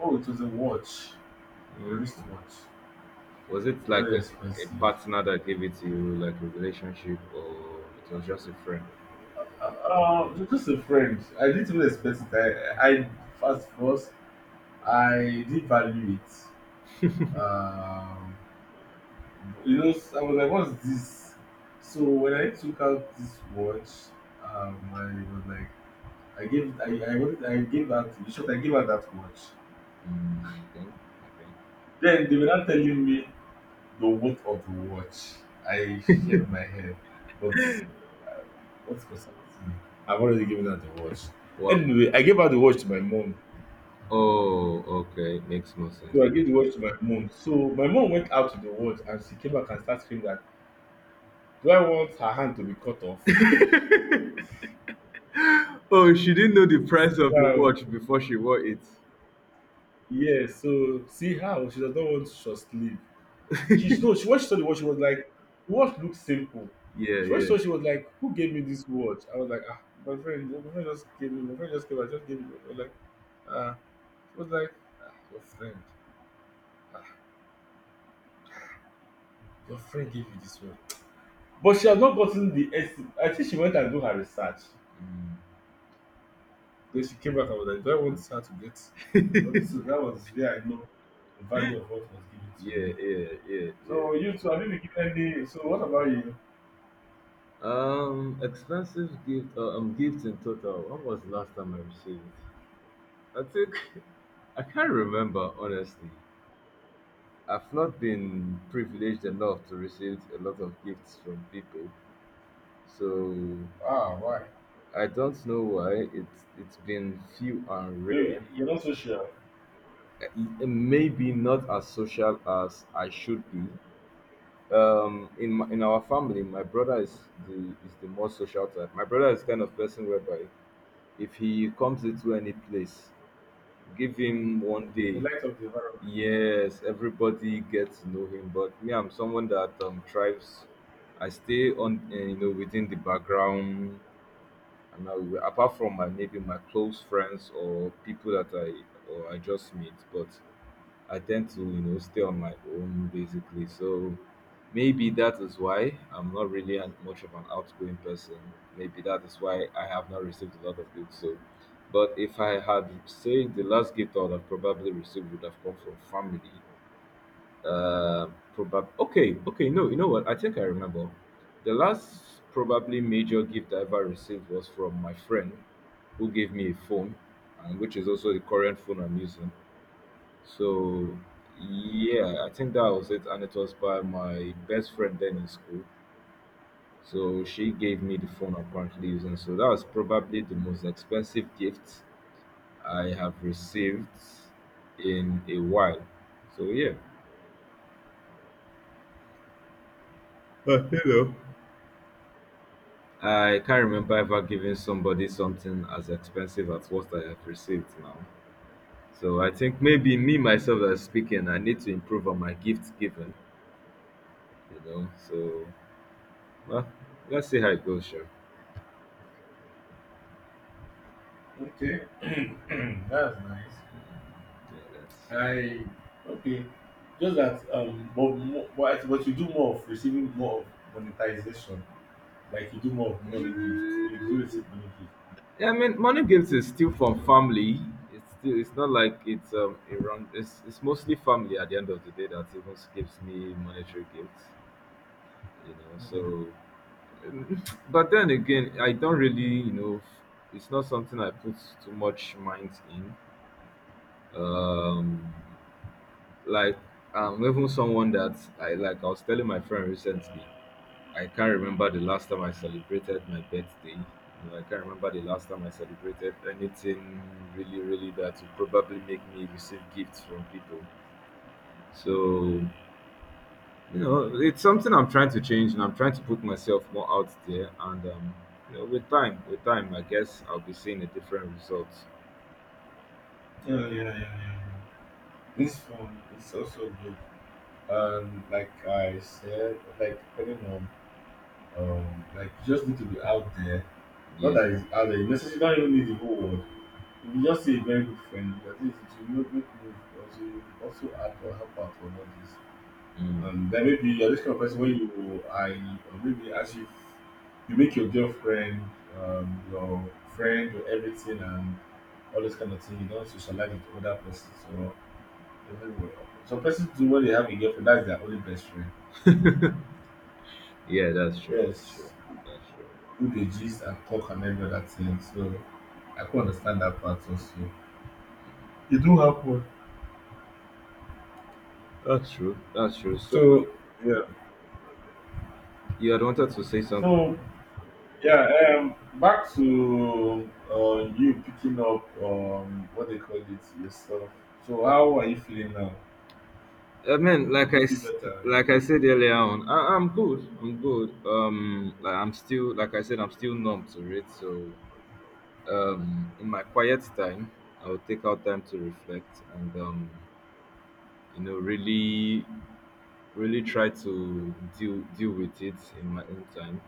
[SPEAKER 1] oh, it was a watch, a
[SPEAKER 2] Mm.
[SPEAKER 1] wristwatch,
[SPEAKER 2] Was it like
[SPEAKER 1] very
[SPEAKER 2] a, a
[SPEAKER 1] expensive.
[SPEAKER 2] partner that gave it to you, like a relationship, or it was just a friend?
[SPEAKER 1] Uh, uh, just a friend. I didn't even expect it. I, I first first I did value it. Um, You know, I was like, what's this? So when I took out this watch, um, I was like, I gave, I, I wanted, I gave that, in short, I gave her that watch.
[SPEAKER 2] Mm, okay, okay.
[SPEAKER 1] Then they were not telling me the worth of the watch. I shed my head, but what's concerning me? I've already given her the watch.
[SPEAKER 2] Wow.
[SPEAKER 1] Anyway, I gave her the watch to my mom.
[SPEAKER 2] Oh, okay. Makes more sense.
[SPEAKER 1] So I gave the watch to my mom. So my mom went out to the watch and she came back and started screaming that, do I want her hand to be cut off?
[SPEAKER 2] Oh, she didn't know the price of the
[SPEAKER 1] Yeah,
[SPEAKER 2] watch before she wore it.
[SPEAKER 1] yeah, so see how she does not want to just leave. She no, she when she saw the watch, she was like, the watch looks simple.
[SPEAKER 2] Yeah,
[SPEAKER 1] She when she
[SPEAKER 2] yeah.
[SPEAKER 1] saw it, she was like, who gave me this watch? I was like, ah, my friend, my friend just gave me, my friend just gave, I just gave me. I was like, ah, she was like, ah, your friend, your friend gave you this watch. But she has not gotten the essence. I think she went and do her research.
[SPEAKER 2] Mm.
[SPEAKER 1] Then she came back and was like, do I want her to get?
[SPEAKER 2] [laughs]
[SPEAKER 1] So that was where I know the value of what was given to
[SPEAKER 2] Yeah,
[SPEAKER 1] me.
[SPEAKER 2] yeah, yeah, yeah.
[SPEAKER 1] So you too, have you been given any? So what about you?
[SPEAKER 2] Um, expensive gift. Uh, um, gifts in total. When was the last time I received? I think [laughs] I can't remember honestly. I've not been privileged enough to receive a lot of gifts from people, so
[SPEAKER 1] Ah, why?
[SPEAKER 2] I don't know why it's it's been few and
[SPEAKER 1] Maybe
[SPEAKER 2] rare.
[SPEAKER 1] you're not so sure.
[SPEAKER 2] Uh, Maybe not as social as I should be. Um, in my, in our family, my brother is the is the more social type. My brother is kind of person whereby if he comes into any place, give him one
[SPEAKER 1] Mhm. The
[SPEAKER 2] day.
[SPEAKER 1] light of the environment.
[SPEAKER 2] Yes, everybody gets to know him, but me, I'm someone that um thrives. I stay on, uh, you know, within the background, and now apart from my maybe my close friends or people that I or I just meet, but I tend to you know stay on my own basically. So maybe that is why I'm not really an, much of an outgoing person. Maybe that is why I have not received a lot of gifts. So, but if I had say the last gift I would have probably received would have come from family. Uh, probab okay, okay. No, you know what? I think I remember. The last probably major gift I ever received was from my friend who gave me a phone, and which is also the current phone I'm using. So yeah, I think that was it, and it was by my best friend then in school. So she gave me the phone I'm currently using. So that was probably the most expensive gift I have received in a while. So yeah. Uh, hello. I can't remember ever giving somebody something as expensive as what I have received now. So I think maybe me myself as speaking, I need to improve on my gift giving, you know. So, well, let's see how it goes, sure.
[SPEAKER 1] Okay, [clears throat] that's nice.
[SPEAKER 2] Yeah, that's.
[SPEAKER 1] I okay. Just that, um, but, mo- but, but you do more of receiving more of monetization. Like you do more of money gift. You do
[SPEAKER 2] Mm,
[SPEAKER 1] receive money gift.
[SPEAKER 2] I mean money gifts is still from family. It's still it's not like it's um around it's it's mostly family at the end of the day that even gives me monetary gifts. You know, so,
[SPEAKER 1] Hmm.
[SPEAKER 2] but then again, I don't really, you know, it's not something I put too much mind in. Um, like, I'm even someone that I like. I was telling my friend recently, I can't remember the last time I celebrated my birthday. You know, I can't remember the last time I celebrated anything really, really that would probably make me receive gifts from people. So, you know, it's something I'm trying to change, and I'm trying to put myself more out there. And um, you know, with time, with time, I guess I'll be seeing a different result.
[SPEAKER 1] Yeah, yeah, yeah, yeah, yeah. This phone is also good. And like I said, like depending on um, like you just need to be out there. Not
[SPEAKER 2] Yeah,
[SPEAKER 1] that it's out there. You necessarily don't even need the whole world. If you just see a very good friend, at least it will make make move also you also add or help out on all this.
[SPEAKER 2] mm,
[SPEAKER 1] And then maybe you're this kind of person where you I or maybe as you you make your girlfriend, um, your friend, your everything and all this kind of thing, you don't socialize with other persons or everywhere. Some persons do when they have a girlfriend, that's their only best friend.
[SPEAKER 2] yeah, that's true. That's true.
[SPEAKER 1] Yes.
[SPEAKER 2] That's true.
[SPEAKER 1] Who they gist and talk and every other thing. So I can understand that part also. It do happen.
[SPEAKER 2] That's true. That's true. So,
[SPEAKER 1] So yeah,
[SPEAKER 2] you had wanted to say something.
[SPEAKER 1] so yeah, um, back to uh, you picking up um, what they call it yourself. So how are you feeling now?
[SPEAKER 2] I mean, like
[SPEAKER 1] Do
[SPEAKER 2] I
[SPEAKER 1] you feel
[SPEAKER 2] s-
[SPEAKER 1] better?
[SPEAKER 2] like
[SPEAKER 1] Is
[SPEAKER 2] I
[SPEAKER 1] it-
[SPEAKER 2] said earlier on, I, I'm good. I'm good. Um, like I'm still, like I said, I'm still numb to it. So, um, in my quiet time, I'll take out time to reflect and um, you know, really really try to deal deal with it in my own time.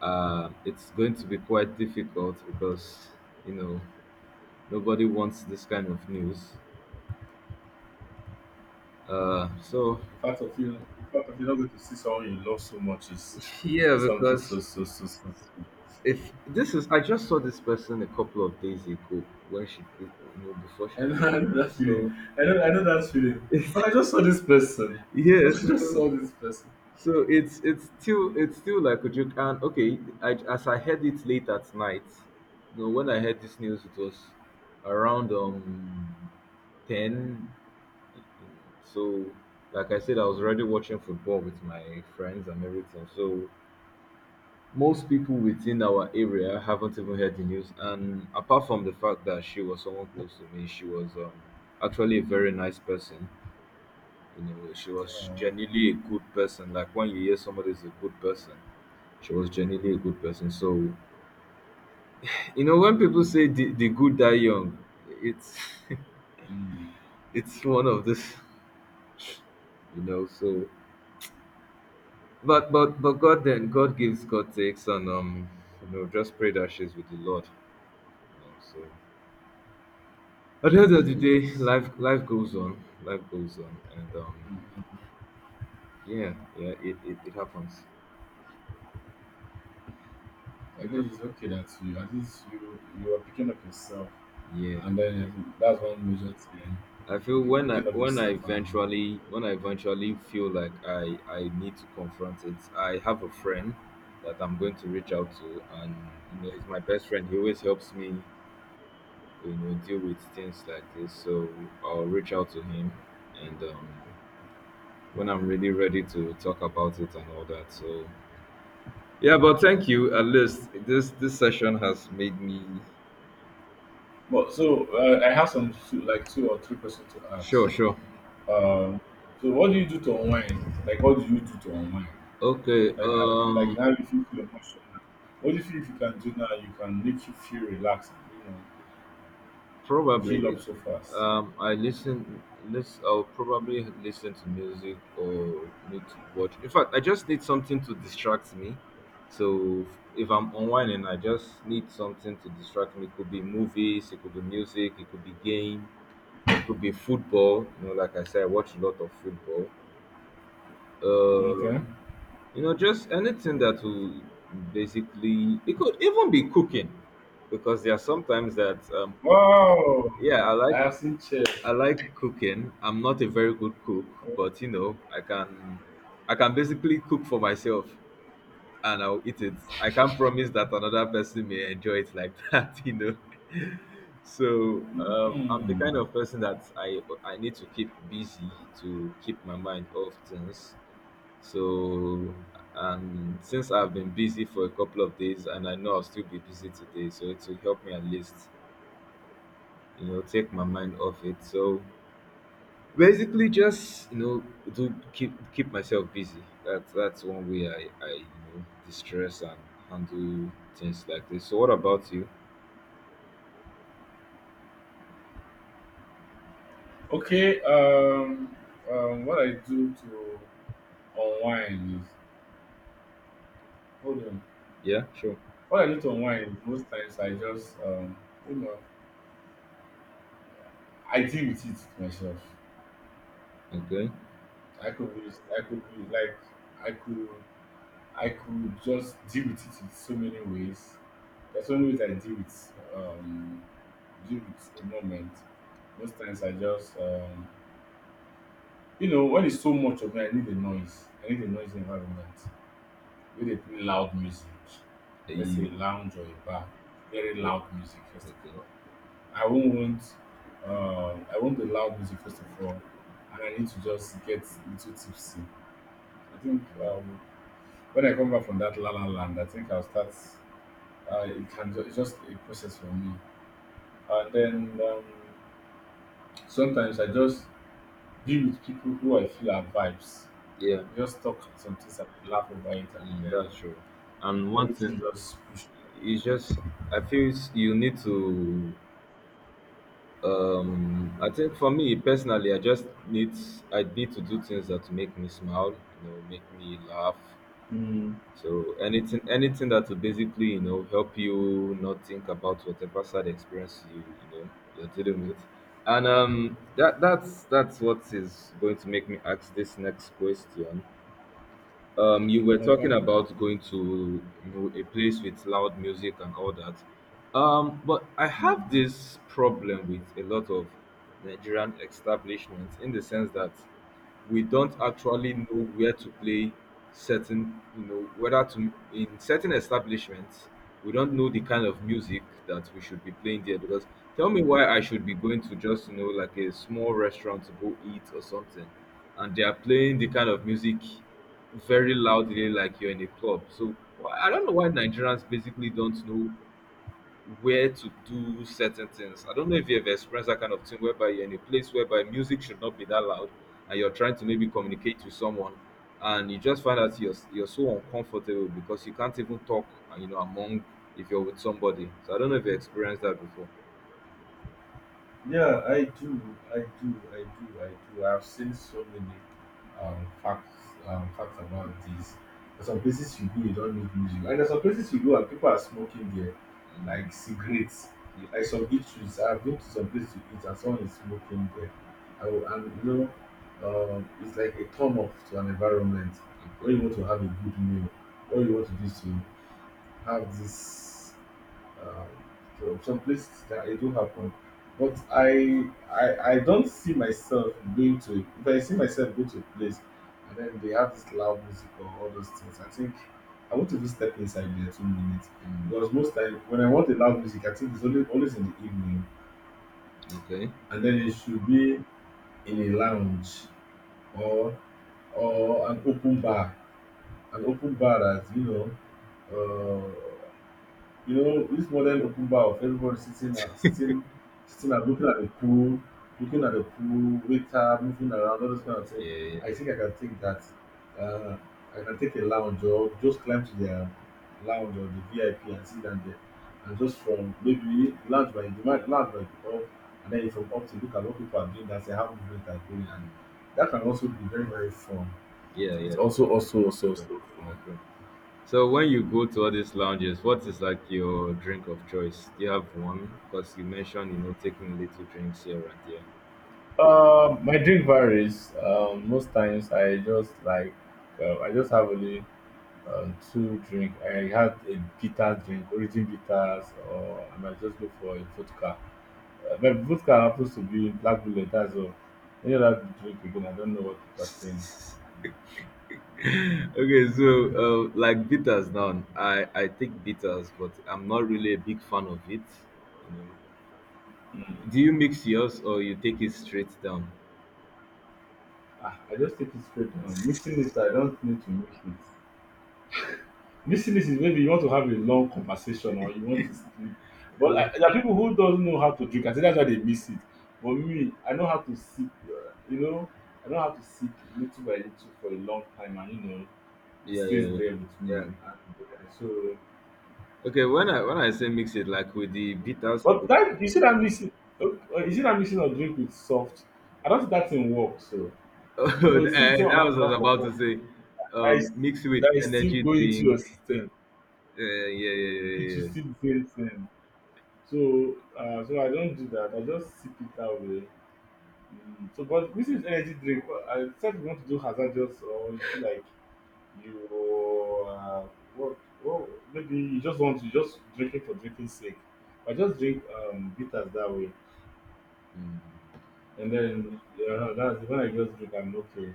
[SPEAKER 2] Uh, it's going to be quite difficult because you know nobody wants this kind of news. Uh, so
[SPEAKER 1] The fact of you, the fact of you not going to see someone you love so much is
[SPEAKER 2] yeah,
[SPEAKER 1] something so
[SPEAKER 2] because
[SPEAKER 1] so so so so.
[SPEAKER 2] if this is, I just saw this person a couple of days ago when she, you know, before she,
[SPEAKER 1] I know, [laughs] I know that feeling.
[SPEAKER 2] so
[SPEAKER 1] I know, I know that feeling.
[SPEAKER 2] [laughs]
[SPEAKER 1] But I just saw this person. [laughs] I
[SPEAKER 2] yes.
[SPEAKER 1] just saw this person.
[SPEAKER 2] So it's it's still, it's still like a joke. And okay, I, as I heard it late at night, you know, when I heard this news, it was around um ten. So like I said, I was already watching football with my friends and everything. So most people within our area haven't even heard the news. And apart from the fact that she was someone close to me, she was um actually a very nice person. You know, she was
[SPEAKER 1] uh,
[SPEAKER 2] genuinely a good person. Like when you hear somebody is a good person. She was genuinely a good person. So, you know, when people say the, the good die young, it's
[SPEAKER 1] mm,
[SPEAKER 2] [laughs] it's one of this, you know. So, but but but God then God gives, God takes, and um, you know, just pray that she's with the Lord. You know, so at the
[SPEAKER 1] yeah,
[SPEAKER 2] end of the
[SPEAKER 1] she
[SPEAKER 2] day,
[SPEAKER 1] is.
[SPEAKER 2] life life goes on, life goes on, and um, yeah, yeah, it it, it happens. You
[SPEAKER 1] At
[SPEAKER 2] know,
[SPEAKER 1] least it's okay that you at least you you are picking up yourself,
[SPEAKER 2] yeah.
[SPEAKER 1] and then um, that's one major thing,
[SPEAKER 2] I feel
[SPEAKER 1] pick-
[SPEAKER 2] when I
[SPEAKER 1] picking up
[SPEAKER 2] when I
[SPEAKER 1] yourself. And
[SPEAKER 2] eventually when I eventually feel like I I need to confront it, I have a friend that I'm going to reach out to, and you know he's my best friend. He always helps me, you know, deal with things like this. So I'll reach out to him, and um, when I'm really ready to talk about it and all that. So yeah, but thank you. At least this this session has made me
[SPEAKER 1] but so uh, I have some two, like two or three questions to ask.
[SPEAKER 2] sure, sure.
[SPEAKER 1] Um, so what do you do to unwind? Like what do you do to unwind?
[SPEAKER 2] Okay.
[SPEAKER 1] Like I, like
[SPEAKER 2] Um.
[SPEAKER 1] now if you feel emotional, what do you feel if you can do now? You can make you feel relaxed, and, you know, heal
[SPEAKER 2] Probably,
[SPEAKER 1] up so fast.
[SPEAKER 2] um, I listen. List, I'll probably listen to music or need to watch. In fact, I just need something to distract me. So if I'm unwinding, I just need something to distract me. It could be movies, it could be music, it could be game, it could be football. You know, like I said, I watch a lot of football. Uh,
[SPEAKER 1] Okay.
[SPEAKER 2] you know, just anything that will basically. It could even be cooking, because there are sometimes that um,
[SPEAKER 1] Wow,
[SPEAKER 2] yeah, I like
[SPEAKER 1] I have seen chess.
[SPEAKER 2] I like cooking. I'm not a very good cook, but you know, I can I can basically cook for myself and I'll eat it. I can't promise that another person may enjoy it like [laughs] that, you know. So um, I'm the kind
[SPEAKER 1] Hmm.
[SPEAKER 2] of person that I I need to keep busy to keep my mind off things. So, and since I've been busy for a couple of days and I know I'll still be busy today, so it will help me at least, you know, take my mind off it. So basically, just you know, to keep keep myself busy. That's that's one way I I you know distress and handle things like this. So, what about you?
[SPEAKER 1] Okay, um, um, what I do to unwind is hold on.
[SPEAKER 2] Yeah, sure.
[SPEAKER 1] What I do to unwind is most times I just um, you know, I deal with it myself.
[SPEAKER 2] Okay.
[SPEAKER 1] I could be, I could be like, I could, I could just deal with it in so many ways. There's so many ways I deal with, um, deal with a moment. Most times I just, um, you know, when it's so much of me, I need a noise. I need a noisy environment. Wey dey play loud music. Let's
[SPEAKER 2] Eat.
[SPEAKER 1] say a lounge or a bar, very
[SPEAKER 2] Okay.
[SPEAKER 1] loud music first of
[SPEAKER 2] Okay.
[SPEAKER 1] all. I won't want um I want the loud music first of all and I need to just get little tipsy. I think um when I come back from that la la land, I think I'll start uh, it can ju- it's just a process for me. And then um sometimes I just be with people who I feel are vibes.
[SPEAKER 2] Yeah,
[SPEAKER 1] We just talk some things and we laugh over it and
[SPEAKER 2] mm,
[SPEAKER 1] then
[SPEAKER 2] that's true. And one thing
[SPEAKER 1] everything just push.
[SPEAKER 2] is just I feel it's- you need to. Um, I think for me personally, I just need I need to do things that make me smile. You know, make me laugh.
[SPEAKER 1] Mm.
[SPEAKER 2] So anything anything that will basically, you know, help you not think about whatever sad experience you you know you're dealing with. And um that that's that's what is going to make me ask this next question. Um, you were talking
[SPEAKER 1] Okay.
[SPEAKER 2] about going to you know a place with loud music and all that. Um, but I have
[SPEAKER 1] Mm.
[SPEAKER 2] this problem with a lot of Nigerian establishments in the sense that we don't actually know where to play certain you know whether to in certain establishments we don't know the kind of music that we should be playing there because tell me why i should be going to just you know like a small restaurant to go eat or something and they are playing the kind of music very loudly like you're in a club. So wh- I don't know why Nigerians basically don't know where to do certain things. I don't know if you've experienced that kind of thing whereby you're in a place whereby music should not be that loud and you're trying to maybe communicate to someone and you just find out you're, you're so uncomfortable because you can't even talk, uh, you know, among if you're with somebody. So I don't know if you experienced that before.
[SPEAKER 1] Yeah, I do. I do. I do. I do. I've seen so many um, facts um, facts about this. There's some places you go, you don't need music. And there's some places you go and people are smoking there, like cigarettes,
[SPEAKER 2] You-
[SPEAKER 1] like some eateries. I've been to some places to eat and someone is smoking there. I will, and you know, um, it's like a turn off to an environment
[SPEAKER 2] Okay.
[SPEAKER 1] where you want to have a good meal, where you want to do is to have this. Um, so some places that it do happen, but I I I don't see myself going to. If I see myself go to a place and then they have this loud music or all those things, I think I want to just step inside there two minutes because most time when I want the loud music, I think it's only always in the evening,
[SPEAKER 2] Okay.
[SPEAKER 1] and then it should be in a lounge or or an open bar, an open bar that you know. Uh, You know, this modern open bar of everybody sitting and sitting, sitting and looking at the pool, looking at the pool, waiter moving around, all those kind of thing.
[SPEAKER 2] Yeah.
[SPEAKER 1] I think I can take that. Uh, I can take a lounge or just climb to their lounge or the V I P and sit down there. And just from maybe lounge by the lounge by the up, and then from up to look at what people are doing, that's how movement are going. And that can also be very, very fun.
[SPEAKER 2] Yeah. Yeah, yeah.
[SPEAKER 1] It's also also also
[SPEAKER 2] True.
[SPEAKER 1] also fun.
[SPEAKER 2] True. So when you go to all these lounges, what is like your drink of choice? Do you have one? Because you mentioned you know taking little drinks here and there.
[SPEAKER 1] Uh, my drink varies. Um, most times I just like um, I just have only um, two drink. I had a bitter drink, origin bitters, or I might just go for a vodka. Uh, but vodka happens to be black bullet as well. Any other drink again, I don't know what people are saying.
[SPEAKER 2] [laughs] Okay, so uh, like bitters now, I I take bitters, but I'm not really a big fan of it. You know, do you mix yours or you take it straight down?
[SPEAKER 1] Ah, I just take it straight. Um, mixing it, I don't need to mix it. This is maybe you want to have a long conversation or you want to sleep. But I, there are people who don't know how to drink. I think that's why they miss it. But me, I know how to sip. Uh, you know, I know how to sip little by little for a long time, and you know, it
[SPEAKER 2] Yeah, yeah,
[SPEAKER 1] stays
[SPEAKER 2] yeah,
[SPEAKER 1] there with
[SPEAKER 2] yeah.
[SPEAKER 1] me. And, uh, so,
[SPEAKER 2] Okay, when I when I say mix it like with the bitters, [laughs]
[SPEAKER 1] but that you see that missing, uh, uh, you see that missing of drink with soft. I don't think that thing works. So
[SPEAKER 2] oh,
[SPEAKER 1] because you see the same
[SPEAKER 2] that
[SPEAKER 1] amount
[SPEAKER 2] was
[SPEAKER 1] of
[SPEAKER 2] what I was about
[SPEAKER 1] alcohol,
[SPEAKER 2] to say.
[SPEAKER 1] that is,
[SPEAKER 2] Um, mix with
[SPEAKER 1] that is still
[SPEAKER 2] energy
[SPEAKER 1] going into
[SPEAKER 2] drink.
[SPEAKER 1] your system.
[SPEAKER 2] Uh, Yeah, yeah, yeah,
[SPEAKER 1] It
[SPEAKER 2] yeah,
[SPEAKER 1] will
[SPEAKER 2] yeah.
[SPEAKER 1] still the same thing. So uh, so I don't do that. I just sip it that way. Mm, so, but this is energy drink. Well, I said you want to do hazardous, or you feel like you uh, what? Well, maybe you just want to just drink it for drinking's sake. I just drink um, bitters that way,
[SPEAKER 2] Mm.
[SPEAKER 1] and then uh, that's when I just drink. I'm okay.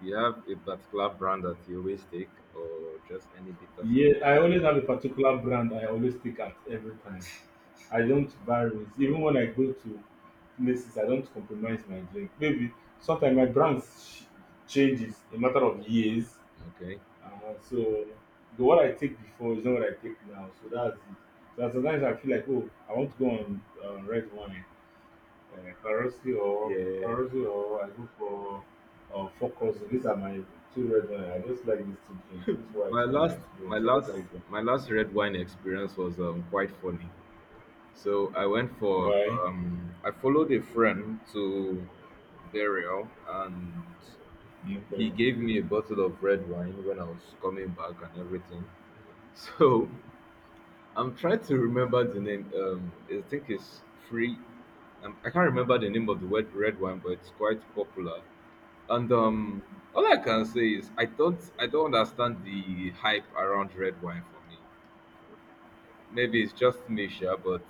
[SPEAKER 2] You have a particular brand that you always take, or just any bitters?
[SPEAKER 1] Yeah, I always have a particular brand I always stick at every time. I don't vary. Even when I go to places, I don't compromise my drink. Maybe sometimes my brand sh- changes in matter of years.
[SPEAKER 2] Okay.
[SPEAKER 1] Uh, so the what I take before is not what I take now. So that's it. So sometimes I feel like, oh, I want to go on uh, red wine, uh, Karosi or
[SPEAKER 2] Yeah.
[SPEAKER 1] Karosi or I go for uh, Focus. These are my two red wine. I just like these two drinks. This white
[SPEAKER 2] My
[SPEAKER 1] one, this
[SPEAKER 2] last,
[SPEAKER 1] drink.
[SPEAKER 2] my
[SPEAKER 1] I just
[SPEAKER 2] last,
[SPEAKER 1] like them.
[SPEAKER 2] my last red wine experience was um, quite funny. So I went for,
[SPEAKER 1] Why?
[SPEAKER 2] um, I followed a friend to burial, and he
[SPEAKER 1] Okay.
[SPEAKER 2] gave me a bottle of red wine when I was coming back and everything. [laughs] So I'm trying to remember the name. Um, I think it's free. Um, I can't remember the name of the red red wine, but it's quite popular. And um, all I can say is I don't I don't understand the hype around red wine for me. Maybe it's just me, sure, but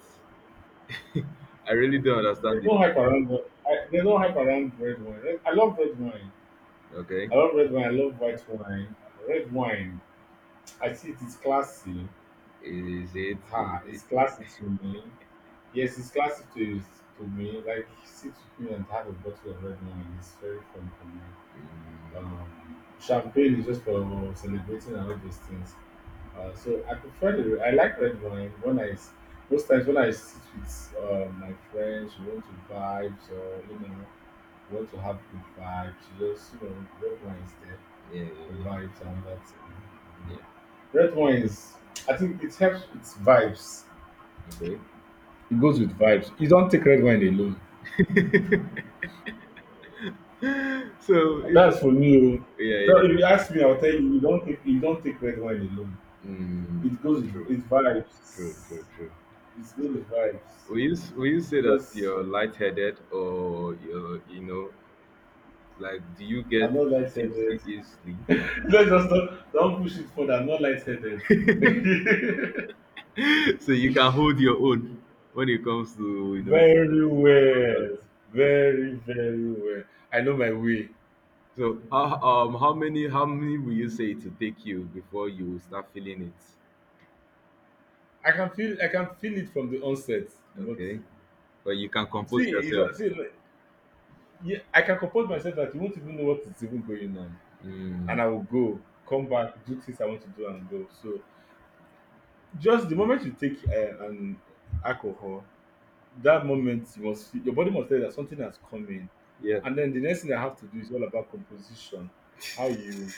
[SPEAKER 2] [laughs] I really don't understand
[SPEAKER 1] There's
[SPEAKER 2] it.
[SPEAKER 1] no hype around. wa- I, there's no hype around red wine. Red- I love red wine.
[SPEAKER 2] Okay,
[SPEAKER 1] I love red wine. I love white wine. Red wine. I see it is classy.
[SPEAKER 2] is it?
[SPEAKER 1] Ha!
[SPEAKER 2] it,
[SPEAKER 1] It's classy to me. Yes, it's classy to to me. Like sit with me and have a bottle of red wine. It's very fun for me.
[SPEAKER 2] mm,
[SPEAKER 1] Um, champagne is just for celebrating and all those things. Uh, so I prefer the. I like red wine when I s- most times when I sit with uh, my friends, we want to vibes or you know what will happen if I just, you know, red wine is there,
[SPEAKER 2] yeah, yeah,
[SPEAKER 1] convert it to another
[SPEAKER 2] yeah,
[SPEAKER 1] thing.
[SPEAKER 2] yeah.
[SPEAKER 1] Red wine is, I think it helps with vibes.
[SPEAKER 2] Okay.
[SPEAKER 1] It goes with vibes. You don't take red wine alone.
[SPEAKER 2] [laughs] so it,
[SPEAKER 1] That's for me.
[SPEAKER 2] yeah, yeah,
[SPEAKER 1] So
[SPEAKER 2] yeah.
[SPEAKER 1] if you ask me, I'll tell you, you don't, take you don't take red wine alone.
[SPEAKER 2] Mm,
[SPEAKER 1] It goes with
[SPEAKER 2] true,
[SPEAKER 1] it's
[SPEAKER 2] true,
[SPEAKER 1] vibes.
[SPEAKER 2] true, true.
[SPEAKER 1] It goes
[SPEAKER 2] So,
[SPEAKER 1] with vibes.
[SPEAKER 2] Will you s- will you say that
[SPEAKER 1] Because
[SPEAKER 2] you're lightheaded or you're you know like do you
[SPEAKER 1] I'm
[SPEAKER 2] get
[SPEAKER 1] not
[SPEAKER 2] tipsy
[SPEAKER 1] lightheaded. [laughs]
[SPEAKER 2] easily?
[SPEAKER 1] Let's just not, don't push it further. I'm not lightheaded. [laughs]
[SPEAKER 2] [laughs] So you can hold your own when it comes to you know
[SPEAKER 1] Very
[SPEAKER 2] that.
[SPEAKER 1] well. Very, very well. I know my way.
[SPEAKER 2] So how um how many how many will you say to take you before you start feeling it?
[SPEAKER 1] I can feel I can feel it from the onset, but
[SPEAKER 2] Okay, but you can compose
[SPEAKER 1] see, it's
[SPEAKER 2] yourself.
[SPEAKER 1] not- see, like, yeah, I can compose myself that you won't even know what is even going on,
[SPEAKER 2] Mm,
[SPEAKER 1] and I will go, come back, do things I want to do, and go. So just the moment you take uh, an alcohol, that moment you must feel, your body must tell you that something has come in,
[SPEAKER 2] yeah,
[SPEAKER 1] and then the next thing I have to do is all about composition, how you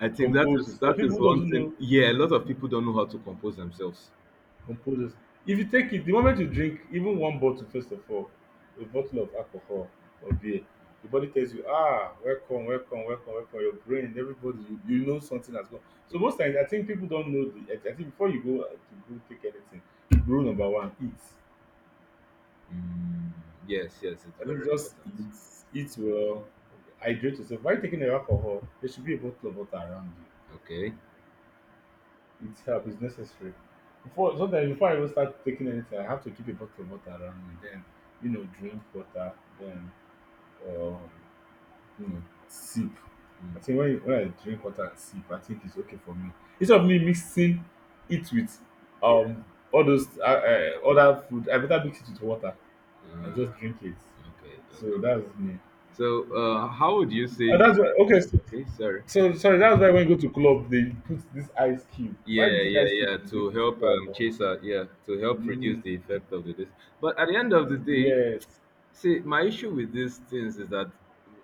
[SPEAKER 2] I think that is
[SPEAKER 1] compose. There are
[SPEAKER 2] that is
[SPEAKER 1] people who
[SPEAKER 2] one
[SPEAKER 1] doesn't
[SPEAKER 2] thing.
[SPEAKER 1] know
[SPEAKER 2] Yeah, a lot of people don't know how to compose themselves.
[SPEAKER 1] composes. If you take it, the moment you drink even one bottle, first of all, a bottle of alcohol or beer, the body tells you, ah, welcome, welcome, welcome, welcome. Your brain, everybody, you, you know something has gone.
[SPEAKER 2] Yeah.
[SPEAKER 1] So most times, I think people don't know the. I think before you go uh, to go take anything, rule number one, eat.
[SPEAKER 2] Mm, yes, yes, it's
[SPEAKER 1] I
[SPEAKER 2] very
[SPEAKER 1] think just
[SPEAKER 2] important.
[SPEAKER 1] eat, eat well, hydrate yourself. While taking the alcohol, there should be a bottle of water around you.
[SPEAKER 2] Okay.
[SPEAKER 1] It's help. It's necessary. Before sometimes before I even start taking anything, I have to keep a bottle of water around me. Then you know, drink water. Then um, you know, sip. I think when when I drink water and sip, I think it's okay for me. Instead of me mixing it with
[SPEAKER 2] Yeah.
[SPEAKER 1] um all those uh, uh, other food, I better mix it with water and
[SPEAKER 2] Uh,
[SPEAKER 1] just drink it.
[SPEAKER 2] okay. Okay.
[SPEAKER 1] So that's me.
[SPEAKER 2] So, uh, how would you
[SPEAKER 1] And
[SPEAKER 2] say?
[SPEAKER 1] that's why okay. So,
[SPEAKER 2] Okay. Sorry.
[SPEAKER 1] so sorry, that's why when you go to club, they put this ice cube. Why do
[SPEAKER 2] Yeah.
[SPEAKER 1] you think
[SPEAKER 2] Yeah.
[SPEAKER 1] ice cube
[SPEAKER 2] Yeah.
[SPEAKER 1] is? They
[SPEAKER 2] To
[SPEAKER 1] put it
[SPEAKER 2] help
[SPEAKER 1] to
[SPEAKER 2] um,
[SPEAKER 1] alcohol.
[SPEAKER 2] chase out. Yeah. To help reduce
[SPEAKER 1] Mm.
[SPEAKER 2] the effect of the this. But at the end of the day,
[SPEAKER 1] Yes.
[SPEAKER 2] see, my issue with these things is that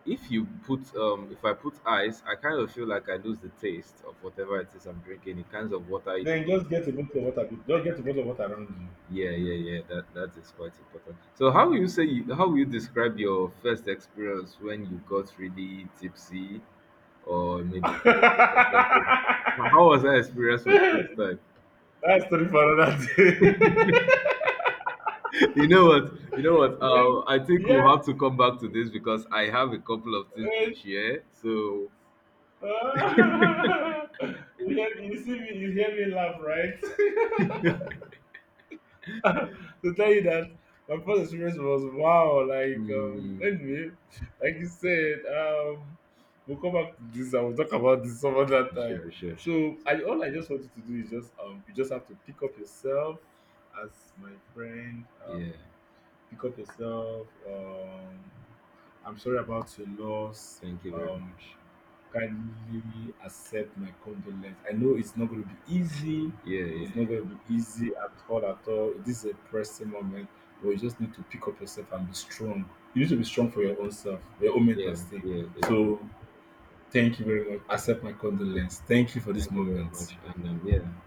[SPEAKER 2] if you put um, if I put ice, I kind of feel like I lose the taste of whatever it is I'm drinking. It kinds of water it.
[SPEAKER 1] Then just get a bottle of water. Just get a bottle of water around you.
[SPEAKER 2] Yeah, yeah, yeah. That that is quite important. So, how will you say? You, how will you describe your first experience when you got really tipsy? Or maybe two hours or something. How how was
[SPEAKER 1] [laughs]
[SPEAKER 2] that experience for the first time?
[SPEAKER 1] That's story for another day.
[SPEAKER 2] [laughs] You know what? You know what?
[SPEAKER 1] [laughs] Yeah.
[SPEAKER 2] Uh, I think
[SPEAKER 1] Yeah.
[SPEAKER 2] we'll have to come back to this because I have a couple of things to
[SPEAKER 1] Eh,
[SPEAKER 2] share. So,
[SPEAKER 1] [laughs] ah. You hear me- you see me, you hear me laugh, right? [laughs] [laughs] To tell you that my first experience was wow. Like um,
[SPEAKER 2] mm,
[SPEAKER 1] anyway, like you said, um, we'll come back to this and we'll talk about this some other time.
[SPEAKER 2] sure, sure, sure.
[SPEAKER 1] So
[SPEAKER 2] So,
[SPEAKER 1] I All I just want you to do is just um, you just have to pick up yourself as my friend.
[SPEAKER 2] yeah,
[SPEAKER 1] Um, pick up yourself. Um, I'm sorry about your loss.
[SPEAKER 2] thank you very
[SPEAKER 1] Um,
[SPEAKER 2] much.
[SPEAKER 1] kindly accept my condolence. I know it's not going to be easy.
[SPEAKER 2] Yeah, yeah,
[SPEAKER 1] It's not going to be easy at all, at all. This is a pressing moment, but you just need to pick up yourself and be strong. You need to be strong for your own self, your own mental
[SPEAKER 2] yeah,
[SPEAKER 1] state.
[SPEAKER 2] yeah, yeah.
[SPEAKER 1] So, thank you very much. Accept my condolence. Thank you for this
[SPEAKER 2] Thank you very much.
[SPEAKER 1] moment.
[SPEAKER 2] And um, yeah.